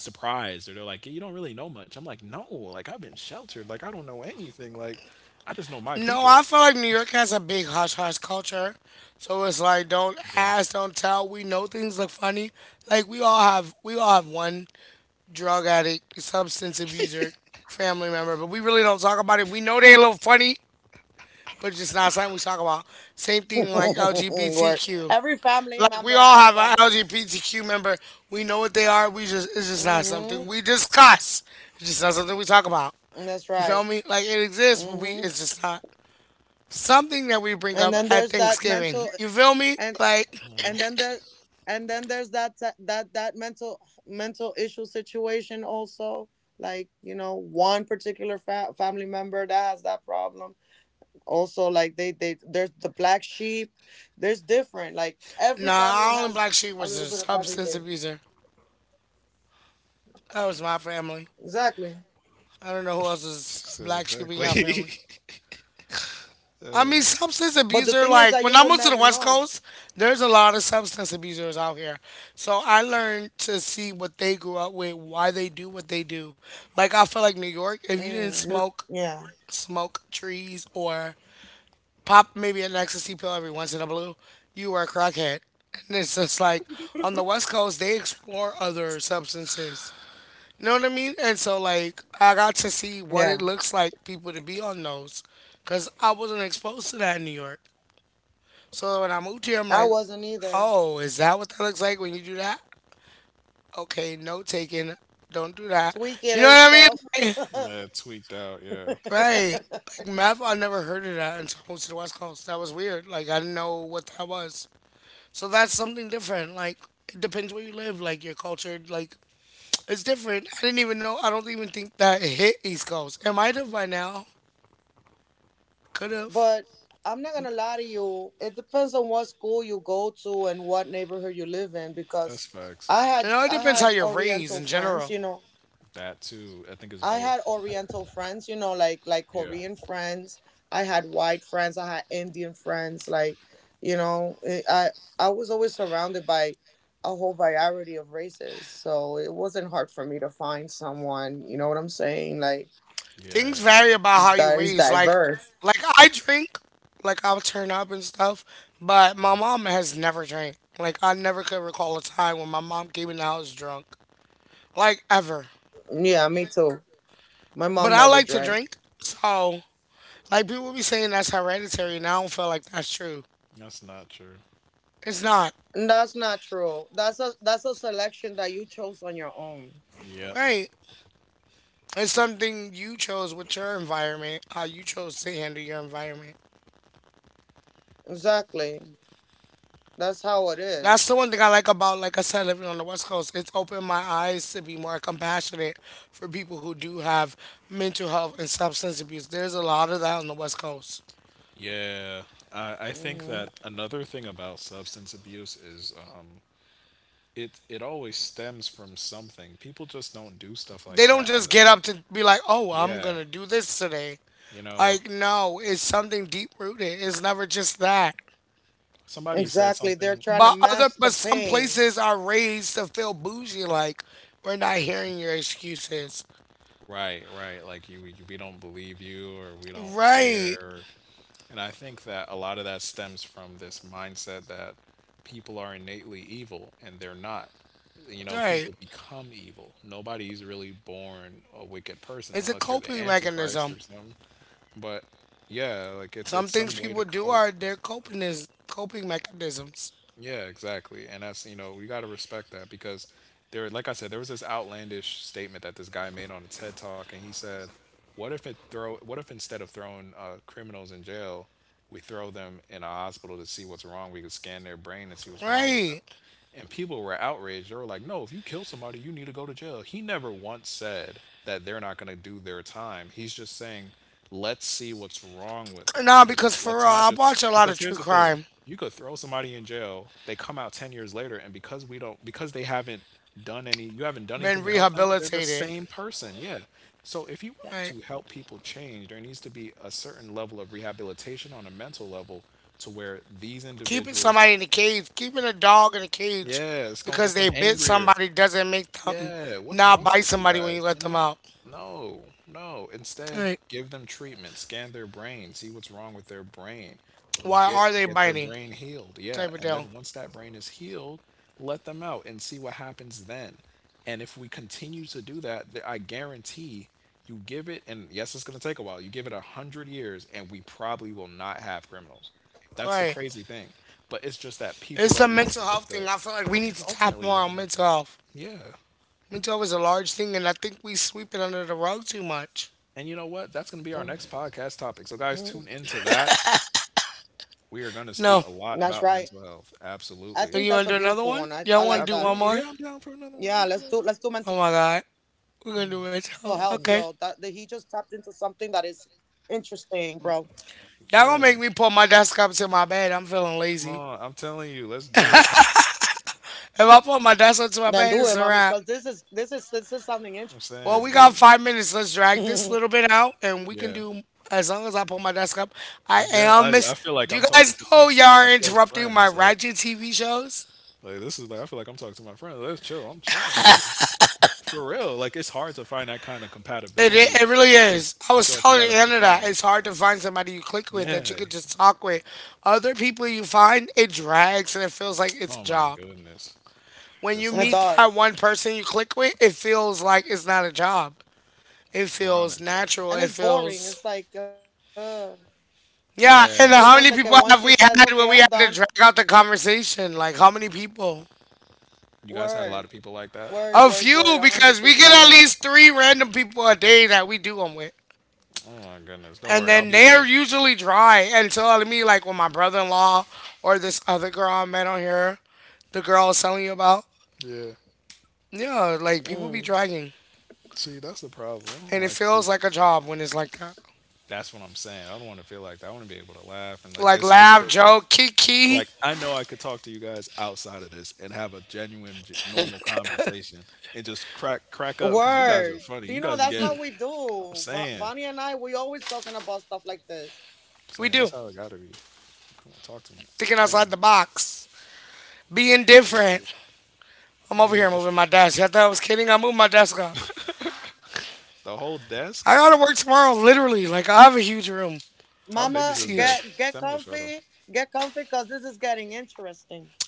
[SPEAKER 2] surprised, or they're like, "Yeah, you don't really know much." I'm like, no, like I've been sheltered. Like I don't know anything. Like I just know my
[SPEAKER 1] No,
[SPEAKER 2] people.
[SPEAKER 1] I feel like New York has a big hush hush culture. So it's like don't
[SPEAKER 2] Yeah.
[SPEAKER 1] ask, don't tell. We know things look funny. Like we all have one drug addict, substance abuser, family member, but we really don't talk about it. We know they a little funny, but it's just not something we talk about. Same thing like LGBTQ. Like we all have an LGBTQ member. We know what they are. We just it's just not something we discuss. It's just not something we talk about. You feel me? Like it exists, but we it's just not something that we bring up at Thanksgiving. You feel me? Like,
[SPEAKER 2] Mhm.
[SPEAKER 1] nah, our only black sheep was a substance abuser. That was my family. I don't know who else is a
[SPEAKER 2] Said
[SPEAKER 1] black sheep in
[SPEAKER 2] exactly.
[SPEAKER 1] your
[SPEAKER 2] [LAUGHS]
[SPEAKER 1] family. I mean, substance abuser, like, when I moved to the West Coast, there's a lot of substance abusers out here. So I learned to see what they grew up with, why they do what they do. Like, I feel like New York, if you didn't smoke, smoke trees or pop maybe an ecstasy pill every once in a blue, you are a crackhead. And it's just like on the West Coast, they explore other substances. You know what I mean? And so, like, I got to see what it looks like people to be on those because I wasn't exposed to that in New York. So when I moved here, I'm like, oh, is that what that looks like when you do that? Okay, note taken. Don't do that. You know what I mean? Like,
[SPEAKER 2] Yeah, tweaked out. Yeah,
[SPEAKER 1] right. Like, meth, I never heard of that until I moved to the West Coast. That was weird. Like, I didn't know what that was. So that's something different. Like it depends where you live. Like your culture, like it's different. I didn't even know. I don't even think that it hit East Coast. It might have by now. Could have.
[SPEAKER 2] that's facts.
[SPEAKER 1] You know, it depends how you're raised in general.
[SPEAKER 2] That too. I think it's both. Yeah.
[SPEAKER 1] Things
[SPEAKER 2] Yeah.
[SPEAKER 1] vary about how you raised. Like I drink. Like I'll turn up and stuff. But my mom has never drank. Like I never could recall a time when my mom came in the house drunk. Like ever. But I like to drink. So like people be saying that's hereditary and I don't feel like that's true.
[SPEAKER 2] That's not true.
[SPEAKER 1] It's not.
[SPEAKER 2] Yep.
[SPEAKER 1] Right. It's something you chose with your environment, how you chose to handle your environment. That's the one thing I like about, like I said, living on the West Coast. It's opened my eyes to be more compassionate for people who do have mental health and substance abuse. There's a lot of that on the West Coast.
[SPEAKER 2] Yeah, I think that another thing about substance abuse is, it always stems from something. People just don't do stuff
[SPEAKER 1] They
[SPEAKER 2] like
[SPEAKER 1] don't
[SPEAKER 2] that
[SPEAKER 1] just
[SPEAKER 2] out of
[SPEAKER 1] get
[SPEAKER 2] them.
[SPEAKER 1] up to be like, oh, I'm going
[SPEAKER 2] Yeah,
[SPEAKER 1] to do this today.
[SPEAKER 2] you know,
[SPEAKER 1] Like, no, it's something deep rooted. It's never just that.
[SPEAKER 2] somebody said something.
[SPEAKER 1] But other, but some places are raised to feel bougie. Like, we're not hearing your excuses.
[SPEAKER 2] Right, right. Like we don't believe you, or we don't
[SPEAKER 1] Right,
[SPEAKER 2] care. And I think that a lot of that stems from this mindset that people are innately evil, and they're not. You know,
[SPEAKER 1] right.
[SPEAKER 2] people become evil. Nobody's really born a wicked person
[SPEAKER 1] It's a
[SPEAKER 2] unless you're the
[SPEAKER 1] coping
[SPEAKER 2] Antichrist
[SPEAKER 1] mechanism.
[SPEAKER 2] or something. But yeah, like it's
[SPEAKER 1] Some
[SPEAKER 2] it's
[SPEAKER 1] things
[SPEAKER 2] some way
[SPEAKER 1] people
[SPEAKER 2] to
[SPEAKER 1] do
[SPEAKER 2] cope.
[SPEAKER 1] are their coping is coping mechanisms.
[SPEAKER 2] Yeah, exactly. And that's, you know, we got to respect that because there, like I said, there was this outlandish statement that this guy made on a TED Talk, and he said, "What if it throw? What if instead of throwing criminals in jail, we throw them in a hospital to see what's wrong? We could scan their brain and see what's wrong with
[SPEAKER 1] Right.
[SPEAKER 2] them." And people were outraged. They were like, no, if you kill somebody, you need to go to jail. He never once said that they're not going to do their time. He's just saying, let's see what's wrong with them.
[SPEAKER 1] Nah,
[SPEAKER 2] Like, it's,
[SPEAKER 1] because for real,
[SPEAKER 2] let's
[SPEAKER 1] I
[SPEAKER 2] not just,
[SPEAKER 1] watch a lot of
[SPEAKER 2] because
[SPEAKER 1] true
[SPEAKER 2] here's the thing,
[SPEAKER 1] crime.
[SPEAKER 2] you could throw somebody in jail, they come out 10 years later, and because we don't, because they haven't done any, you haven't done
[SPEAKER 1] Been
[SPEAKER 2] anything to help them, they're the
[SPEAKER 1] rehabilitated.
[SPEAKER 2] same person. Yeah. So if you want
[SPEAKER 1] Right.
[SPEAKER 2] to help people change, there needs to be a certain level of rehabilitation on a mental level to where these
[SPEAKER 1] Keeping
[SPEAKER 2] individuals,
[SPEAKER 1] somebody in a cage, keeping a dog in a cage
[SPEAKER 2] yeah, it's going to
[SPEAKER 1] because
[SPEAKER 2] get
[SPEAKER 1] they
[SPEAKER 2] them
[SPEAKER 1] bit
[SPEAKER 2] angrier.
[SPEAKER 1] somebody doesn't make them
[SPEAKER 2] Yeah, what's
[SPEAKER 1] not
[SPEAKER 2] wrong
[SPEAKER 1] bite
[SPEAKER 2] with you
[SPEAKER 1] somebody when you
[SPEAKER 2] guys?
[SPEAKER 1] let
[SPEAKER 2] You
[SPEAKER 1] them
[SPEAKER 2] know?
[SPEAKER 1] out.
[SPEAKER 2] No, no. Instead,
[SPEAKER 1] Right.
[SPEAKER 2] give them treatment, scan their brain, see what's wrong with their brain,
[SPEAKER 1] Why are they
[SPEAKER 2] get their
[SPEAKER 1] biting?
[SPEAKER 2] brain healed.
[SPEAKER 1] Type
[SPEAKER 2] Yeah,
[SPEAKER 1] of
[SPEAKER 2] and
[SPEAKER 1] deal.
[SPEAKER 2] then once that brain is healed, let them out and see what happens then. And if we continue to do that, I guarantee you give it, and yes, it's going to take a while. You give it 100 years, and we probably will not have criminals. That's the
[SPEAKER 1] Right.
[SPEAKER 2] crazy thing. But it's just that people
[SPEAKER 1] It's a
[SPEAKER 2] don't want
[SPEAKER 1] mental
[SPEAKER 2] to put
[SPEAKER 1] health thing.
[SPEAKER 2] the.
[SPEAKER 1] I feel like we need to
[SPEAKER 2] It's
[SPEAKER 1] tap more
[SPEAKER 2] ultimately
[SPEAKER 1] on
[SPEAKER 2] how much
[SPEAKER 1] mental
[SPEAKER 2] help.
[SPEAKER 1] health.
[SPEAKER 2] Yeah.
[SPEAKER 1] Mental is a large thing, and I think we sweep it under the rug too much.
[SPEAKER 2] And you know what? That's going to be our next podcast topic. So, guys, tune into that. We are going to
[SPEAKER 1] No.
[SPEAKER 2] speak a lot about mental health.
[SPEAKER 1] Do
[SPEAKER 2] Absolutely.
[SPEAKER 1] you want to do another one? Y'all want to do one
[SPEAKER 2] Absolutely.
[SPEAKER 1] more?
[SPEAKER 2] Yeah, I'm down for another one. Yeah, come on now.
[SPEAKER 1] Oh my God. We're going to do it.
[SPEAKER 2] Talk to
[SPEAKER 1] Okay.
[SPEAKER 2] me.
[SPEAKER 1] Y'all going to make
[SPEAKER 2] Yeah,
[SPEAKER 1] me pull my desk up to my bed. I'm feeling
[SPEAKER 2] come
[SPEAKER 1] lazy.
[SPEAKER 2] on. I'm telling you, let's do it.
[SPEAKER 1] If I pull my desk up to my bed, it's a wrap.
[SPEAKER 2] I'm
[SPEAKER 1] Well, we
[SPEAKER 2] saying,
[SPEAKER 1] got
[SPEAKER 2] that,
[SPEAKER 1] 5 minutes. Let's drag this little bit out, and we can
[SPEAKER 2] yeah.
[SPEAKER 1] do as long as I pull my desk up. I am Miss.
[SPEAKER 2] I feel
[SPEAKER 1] Do
[SPEAKER 2] like
[SPEAKER 1] you
[SPEAKER 2] I'm
[SPEAKER 1] guys
[SPEAKER 2] talking to
[SPEAKER 1] know
[SPEAKER 2] my
[SPEAKER 1] y'all are
[SPEAKER 2] my close
[SPEAKER 1] interrupting my
[SPEAKER 2] friends.
[SPEAKER 1] Ratchet TV shows?
[SPEAKER 2] Like this is like, I feel like I'm talking to my friends. Let's chill. I'm chilling. This is for real. Like, it's hard to find that kind of
[SPEAKER 1] It, i-
[SPEAKER 2] compatibility
[SPEAKER 1] it really
[SPEAKER 2] because
[SPEAKER 1] is. I
[SPEAKER 2] you
[SPEAKER 1] was
[SPEAKER 2] feel like you got
[SPEAKER 1] telling
[SPEAKER 2] to
[SPEAKER 1] Anna that
[SPEAKER 2] perform.
[SPEAKER 1] it's hard to find somebody you click with that you
[SPEAKER 2] Yeah.
[SPEAKER 1] could just talk with. Other people you find, it drags and it feels like it's a
[SPEAKER 2] Oh my
[SPEAKER 1] job.
[SPEAKER 2] goodness.
[SPEAKER 1] When you
[SPEAKER 2] Just
[SPEAKER 1] meet
[SPEAKER 2] like
[SPEAKER 1] that one person you click with, it feels like it's not a job. It feels
[SPEAKER 2] Veronica.
[SPEAKER 1] natural. It feels. Yeah, and how
[SPEAKER 2] Yeah.
[SPEAKER 1] many people have we had where we had to drag out the conversation? Like, how many people?
[SPEAKER 2] You guys had a lot of people like that?
[SPEAKER 1] A few, because we get at least 3 random people a day that we do them with.
[SPEAKER 2] Oh my goodness. Don't
[SPEAKER 1] And
[SPEAKER 2] worry,
[SPEAKER 1] then
[SPEAKER 2] I'll be
[SPEAKER 1] they're
[SPEAKER 2] here.
[SPEAKER 1] usually dry. And telling me, like when my brother in law or this other girl I met on here, the girl I was telling you about,
[SPEAKER 2] Yeah.
[SPEAKER 1] yeah, like people be dragging,
[SPEAKER 2] See, that's the problem. I
[SPEAKER 1] and
[SPEAKER 2] don't
[SPEAKER 1] it
[SPEAKER 2] like to
[SPEAKER 1] feels
[SPEAKER 2] see.
[SPEAKER 1] like a job when it's like that.
[SPEAKER 2] That's what I'm saying. I don't want to feel like that. I want to be able to laugh and like
[SPEAKER 1] Like
[SPEAKER 2] this
[SPEAKER 1] laugh,
[SPEAKER 2] feels
[SPEAKER 1] joke, kiki,
[SPEAKER 2] like I know I could talk to you guys outside of this and have a genuine normal conversation and just crack up cuz you guys are funny. You guys be getting I'm saying. I'm
[SPEAKER 1] we
[SPEAKER 2] saying
[SPEAKER 1] do
[SPEAKER 2] that's how it got to be. Come on, talk to me
[SPEAKER 1] thinking
[SPEAKER 2] now.
[SPEAKER 1] outside
[SPEAKER 2] Anyway,
[SPEAKER 1] the box, being different.
[SPEAKER 2] you
[SPEAKER 1] I'm over here
[SPEAKER 2] being
[SPEAKER 1] moving my desk. You thought I was kidding? I moved my desk up.
[SPEAKER 2] the whole
[SPEAKER 1] I
[SPEAKER 2] desk?
[SPEAKER 1] gotta work tomorrow, literally. Like I have a huge room.
[SPEAKER 2] How big
[SPEAKER 1] It's
[SPEAKER 2] is this
[SPEAKER 1] huge.
[SPEAKER 2] desk? Send me a photo.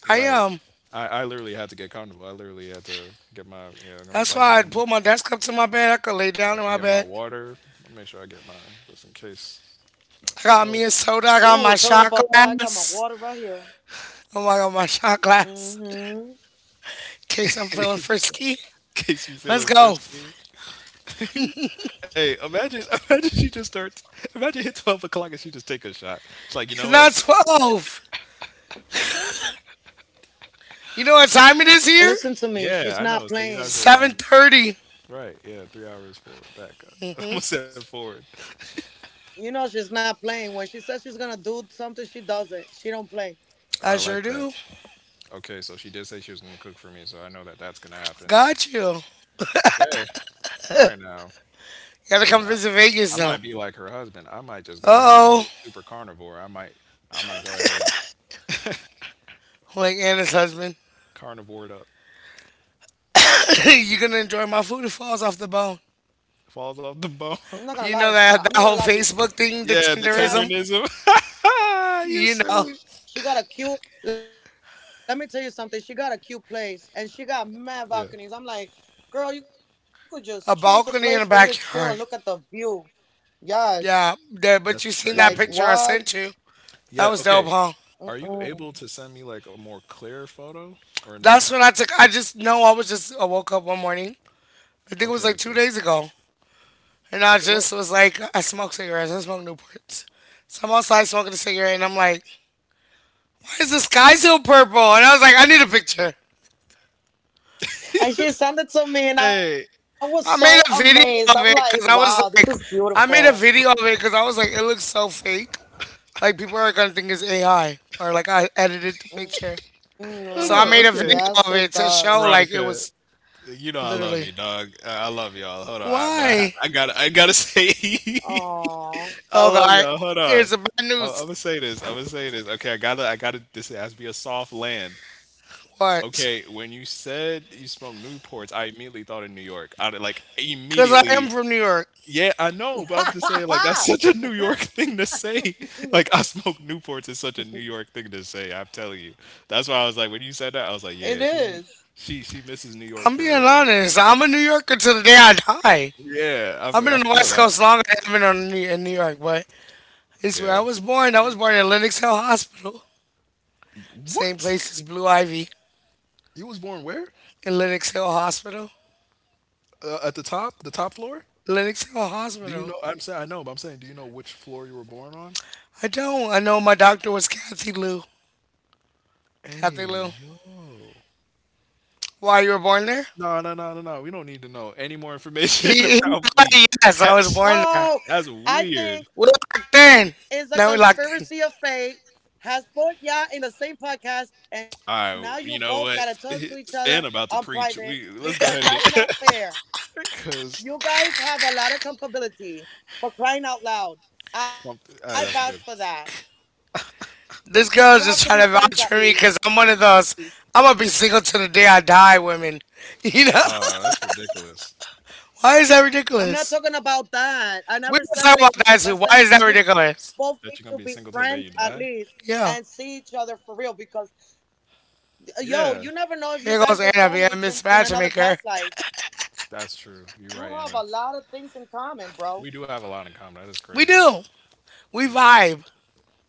[SPEAKER 1] I
[SPEAKER 2] Right.
[SPEAKER 1] am.
[SPEAKER 2] I literally had to get comfortable. I literally had to get my get my
[SPEAKER 1] That's why
[SPEAKER 2] blanket
[SPEAKER 1] I'd
[SPEAKER 2] on
[SPEAKER 1] pull
[SPEAKER 2] me,
[SPEAKER 1] my desk up to my bed. I could lay down in my
[SPEAKER 2] get
[SPEAKER 1] bed.
[SPEAKER 2] my water. I make sure I get my just in case.
[SPEAKER 1] Got me a
[SPEAKER 2] What?
[SPEAKER 1] soda. I got my shot glass. Oh my god, my shot glass. In case
[SPEAKER 2] [LAUGHS]
[SPEAKER 1] I'm feeling
[SPEAKER 2] In
[SPEAKER 1] frisky.
[SPEAKER 2] case you
[SPEAKER 1] Let's
[SPEAKER 2] feeling
[SPEAKER 1] go.
[SPEAKER 2] frisky. [LAUGHS] Hey, imagine she just starts imagine hit 12 o'clock and she just take a shot. It's like, you
[SPEAKER 1] It's
[SPEAKER 2] know
[SPEAKER 1] not
[SPEAKER 2] what?
[SPEAKER 1] 12. You know what time it is here?
[SPEAKER 2] Yeah, I know. So you guys are on
[SPEAKER 1] 7:30.
[SPEAKER 2] right, yeah, 3 hours forward, back. [LAUGHS] I almost said [LAUGHS] forward.
[SPEAKER 1] I
[SPEAKER 2] I
[SPEAKER 1] sure
[SPEAKER 2] like
[SPEAKER 1] do.
[SPEAKER 2] that. Okay, so she did say she was gonna cook for me, so I know that that's gonna happen.
[SPEAKER 1] Got you. You
[SPEAKER 2] Okay, all right now,
[SPEAKER 1] gotta
[SPEAKER 2] cause
[SPEAKER 1] come visit Vegas
[SPEAKER 2] I
[SPEAKER 1] though.
[SPEAKER 2] might be like her husband. I might just go ahead and be
[SPEAKER 1] Uh-oh.
[SPEAKER 2] a super carnivore. I might go ahead and
[SPEAKER 1] Like Anna's husband.
[SPEAKER 2] carnivore it up.
[SPEAKER 1] [LAUGHS] You're gonna enjoy my food. It falls off the bone.
[SPEAKER 2] Falls off the bone.
[SPEAKER 1] You know that, that whole Facebook
[SPEAKER 2] [LAUGHS]
[SPEAKER 1] thing, the
[SPEAKER 2] Yeah, the
[SPEAKER 1] Tinderism?
[SPEAKER 2] tenderness. [LAUGHS] You
[SPEAKER 1] You know,
[SPEAKER 2] silly. Yeah,
[SPEAKER 1] a balcony in a backyard. Yeah, there, but you
[SPEAKER 2] that's
[SPEAKER 1] seen that
[SPEAKER 2] crazy.
[SPEAKER 1] picture I sent you. That
[SPEAKER 2] Yeah,
[SPEAKER 1] was dope,
[SPEAKER 2] okay.
[SPEAKER 1] huh?
[SPEAKER 2] Are you able to send me like a more clear photo or
[SPEAKER 1] That's
[SPEAKER 2] no?
[SPEAKER 1] when I took. I just know I was just. I woke up one morning. I think it
[SPEAKER 2] Okay,
[SPEAKER 1] was like
[SPEAKER 2] okay.
[SPEAKER 1] 2 days ago, and I
[SPEAKER 2] Okay, well,
[SPEAKER 1] just was like, I smoke cigarettes. I smoke Newports. So I'm outside smoking a cigarette, and I'm like, why is the sky so purple? And I was like, I need a picture.
[SPEAKER 2] hey,
[SPEAKER 1] I made a video of it because I was like, I made a video of it because I was like, it looks so fake. Like people are gonna think it's AI or like I edited the picture.
[SPEAKER 2] hold
[SPEAKER 1] So I
[SPEAKER 2] on.
[SPEAKER 1] made a
[SPEAKER 2] Okay.
[SPEAKER 1] video of it to show like it
[SPEAKER 2] Veronica,
[SPEAKER 1] was
[SPEAKER 2] you know I love
[SPEAKER 1] literally.
[SPEAKER 2] you, dog. I love y'all. Hold on, I, but I
[SPEAKER 1] Why?
[SPEAKER 2] I gotta I gotta [LAUGHS] say I
[SPEAKER 1] Oh
[SPEAKER 2] love
[SPEAKER 1] God!
[SPEAKER 2] y'all. Hold
[SPEAKER 1] Here's
[SPEAKER 2] on.
[SPEAKER 1] the bad
[SPEAKER 2] I'm
[SPEAKER 1] news.
[SPEAKER 2] gonna say this. I'm gonna say this. Okay, I gotta, I gotta. This has to be a soft land.
[SPEAKER 1] What?
[SPEAKER 2] Okay, when you said you smoked Newports, I immediately thought of New York. I like
[SPEAKER 1] Because I am
[SPEAKER 2] immediately.
[SPEAKER 1] from New York.
[SPEAKER 2] Yeah, I know, but I'm just saying, like that's [LAUGHS] such a New York thing to say. [LAUGHS] Like I smoke Newports is such a New York thing to say. I'm telling you. That's why I was like, when you said that, I was like, yeah, she misses New York
[SPEAKER 1] I'm
[SPEAKER 2] for
[SPEAKER 1] being
[SPEAKER 2] real. Like,
[SPEAKER 1] honest. I'm a New Yorker till the day I die.
[SPEAKER 2] yeah,
[SPEAKER 1] I've been on
[SPEAKER 2] I
[SPEAKER 1] the
[SPEAKER 2] feel
[SPEAKER 1] West
[SPEAKER 2] that.
[SPEAKER 1] Coast longer than I've been on New, in New York, but it's where I
[SPEAKER 2] Yeah.
[SPEAKER 1] was born. I was born in Lenox Hill Hospital. Same
[SPEAKER 2] What?
[SPEAKER 1] place as Blue Ivy
[SPEAKER 2] You was born where?
[SPEAKER 1] in Lenox Hill Hospital.
[SPEAKER 2] At the top floor?
[SPEAKER 1] Lenox Hill
[SPEAKER 2] Do you
[SPEAKER 1] Hospital.
[SPEAKER 2] know? I'm saying I know, but I'm saying, do you know which floor you were born on?
[SPEAKER 1] I don't. I know my doctor was Kathy Lou. Kathy Lou.
[SPEAKER 2] Hey, yo.
[SPEAKER 1] Why you were born there?
[SPEAKER 2] No, no, no, no, no, we don't need to know any more information [LAUGHS]
[SPEAKER 1] He
[SPEAKER 2] about me.
[SPEAKER 1] [LAUGHS] yes, I was
[SPEAKER 2] That's
[SPEAKER 1] born there.
[SPEAKER 2] that's weird.
[SPEAKER 1] We're locked in. Now we're locked in.
[SPEAKER 2] All right, you know what? [LAUGHS] And about to preach. We let's go ahead again [LAUGHS] because that's good.
[SPEAKER 1] This girl's just trying to vouch for me because I'm one of those. I'm gonna be single till the day I die, women. [LAUGHS] You know?
[SPEAKER 2] That's ridiculous
[SPEAKER 1] Why is that ridiculous? We can talk about that too. Why is that ridiculous?
[SPEAKER 2] that you're gonna be single till the day you die.
[SPEAKER 1] Yeah.
[SPEAKER 2] Yeah,
[SPEAKER 1] Here goes Anna being a mismatchmaker.
[SPEAKER 2] that's true. You're right, Anna. We do have a lot in common. That is
[SPEAKER 1] We
[SPEAKER 2] crazy though.
[SPEAKER 1] do. We
[SPEAKER 2] Yeah,
[SPEAKER 1] vibe.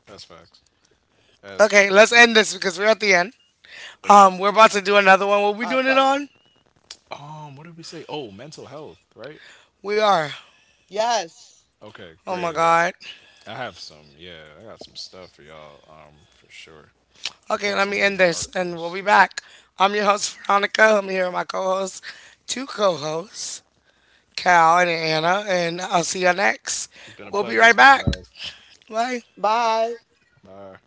[SPEAKER 2] that's facts. That is
[SPEAKER 1] Okay,
[SPEAKER 2] fact.
[SPEAKER 1] let's end this because we're at the end.
[SPEAKER 2] Okay.
[SPEAKER 1] We're about to do another one. What we doing it on?
[SPEAKER 2] What did we say? Oh, mental health, right?
[SPEAKER 1] We are.
[SPEAKER 2] Okay,
[SPEAKER 1] Oh
[SPEAKER 2] great,
[SPEAKER 1] my
[SPEAKER 2] great, great.
[SPEAKER 1] god.
[SPEAKER 2] I have some, yeah, I got some stuff for y'all, for sure. I'll pull
[SPEAKER 1] Okay,
[SPEAKER 2] up
[SPEAKER 1] let
[SPEAKER 2] some
[SPEAKER 1] me
[SPEAKER 2] of
[SPEAKER 1] end
[SPEAKER 2] these
[SPEAKER 1] this and we'll
[SPEAKER 2] articles.
[SPEAKER 1] be back. I'm your host, Veronica. I'm here with my co-host, two co-hosts. Cal and Anna, and I'll see y'all next.
[SPEAKER 2] It's been a
[SPEAKER 1] We'll be
[SPEAKER 2] pleasure.
[SPEAKER 1] right
[SPEAKER 2] See
[SPEAKER 1] back.
[SPEAKER 2] you
[SPEAKER 1] Bye.
[SPEAKER 2] guys. Bye.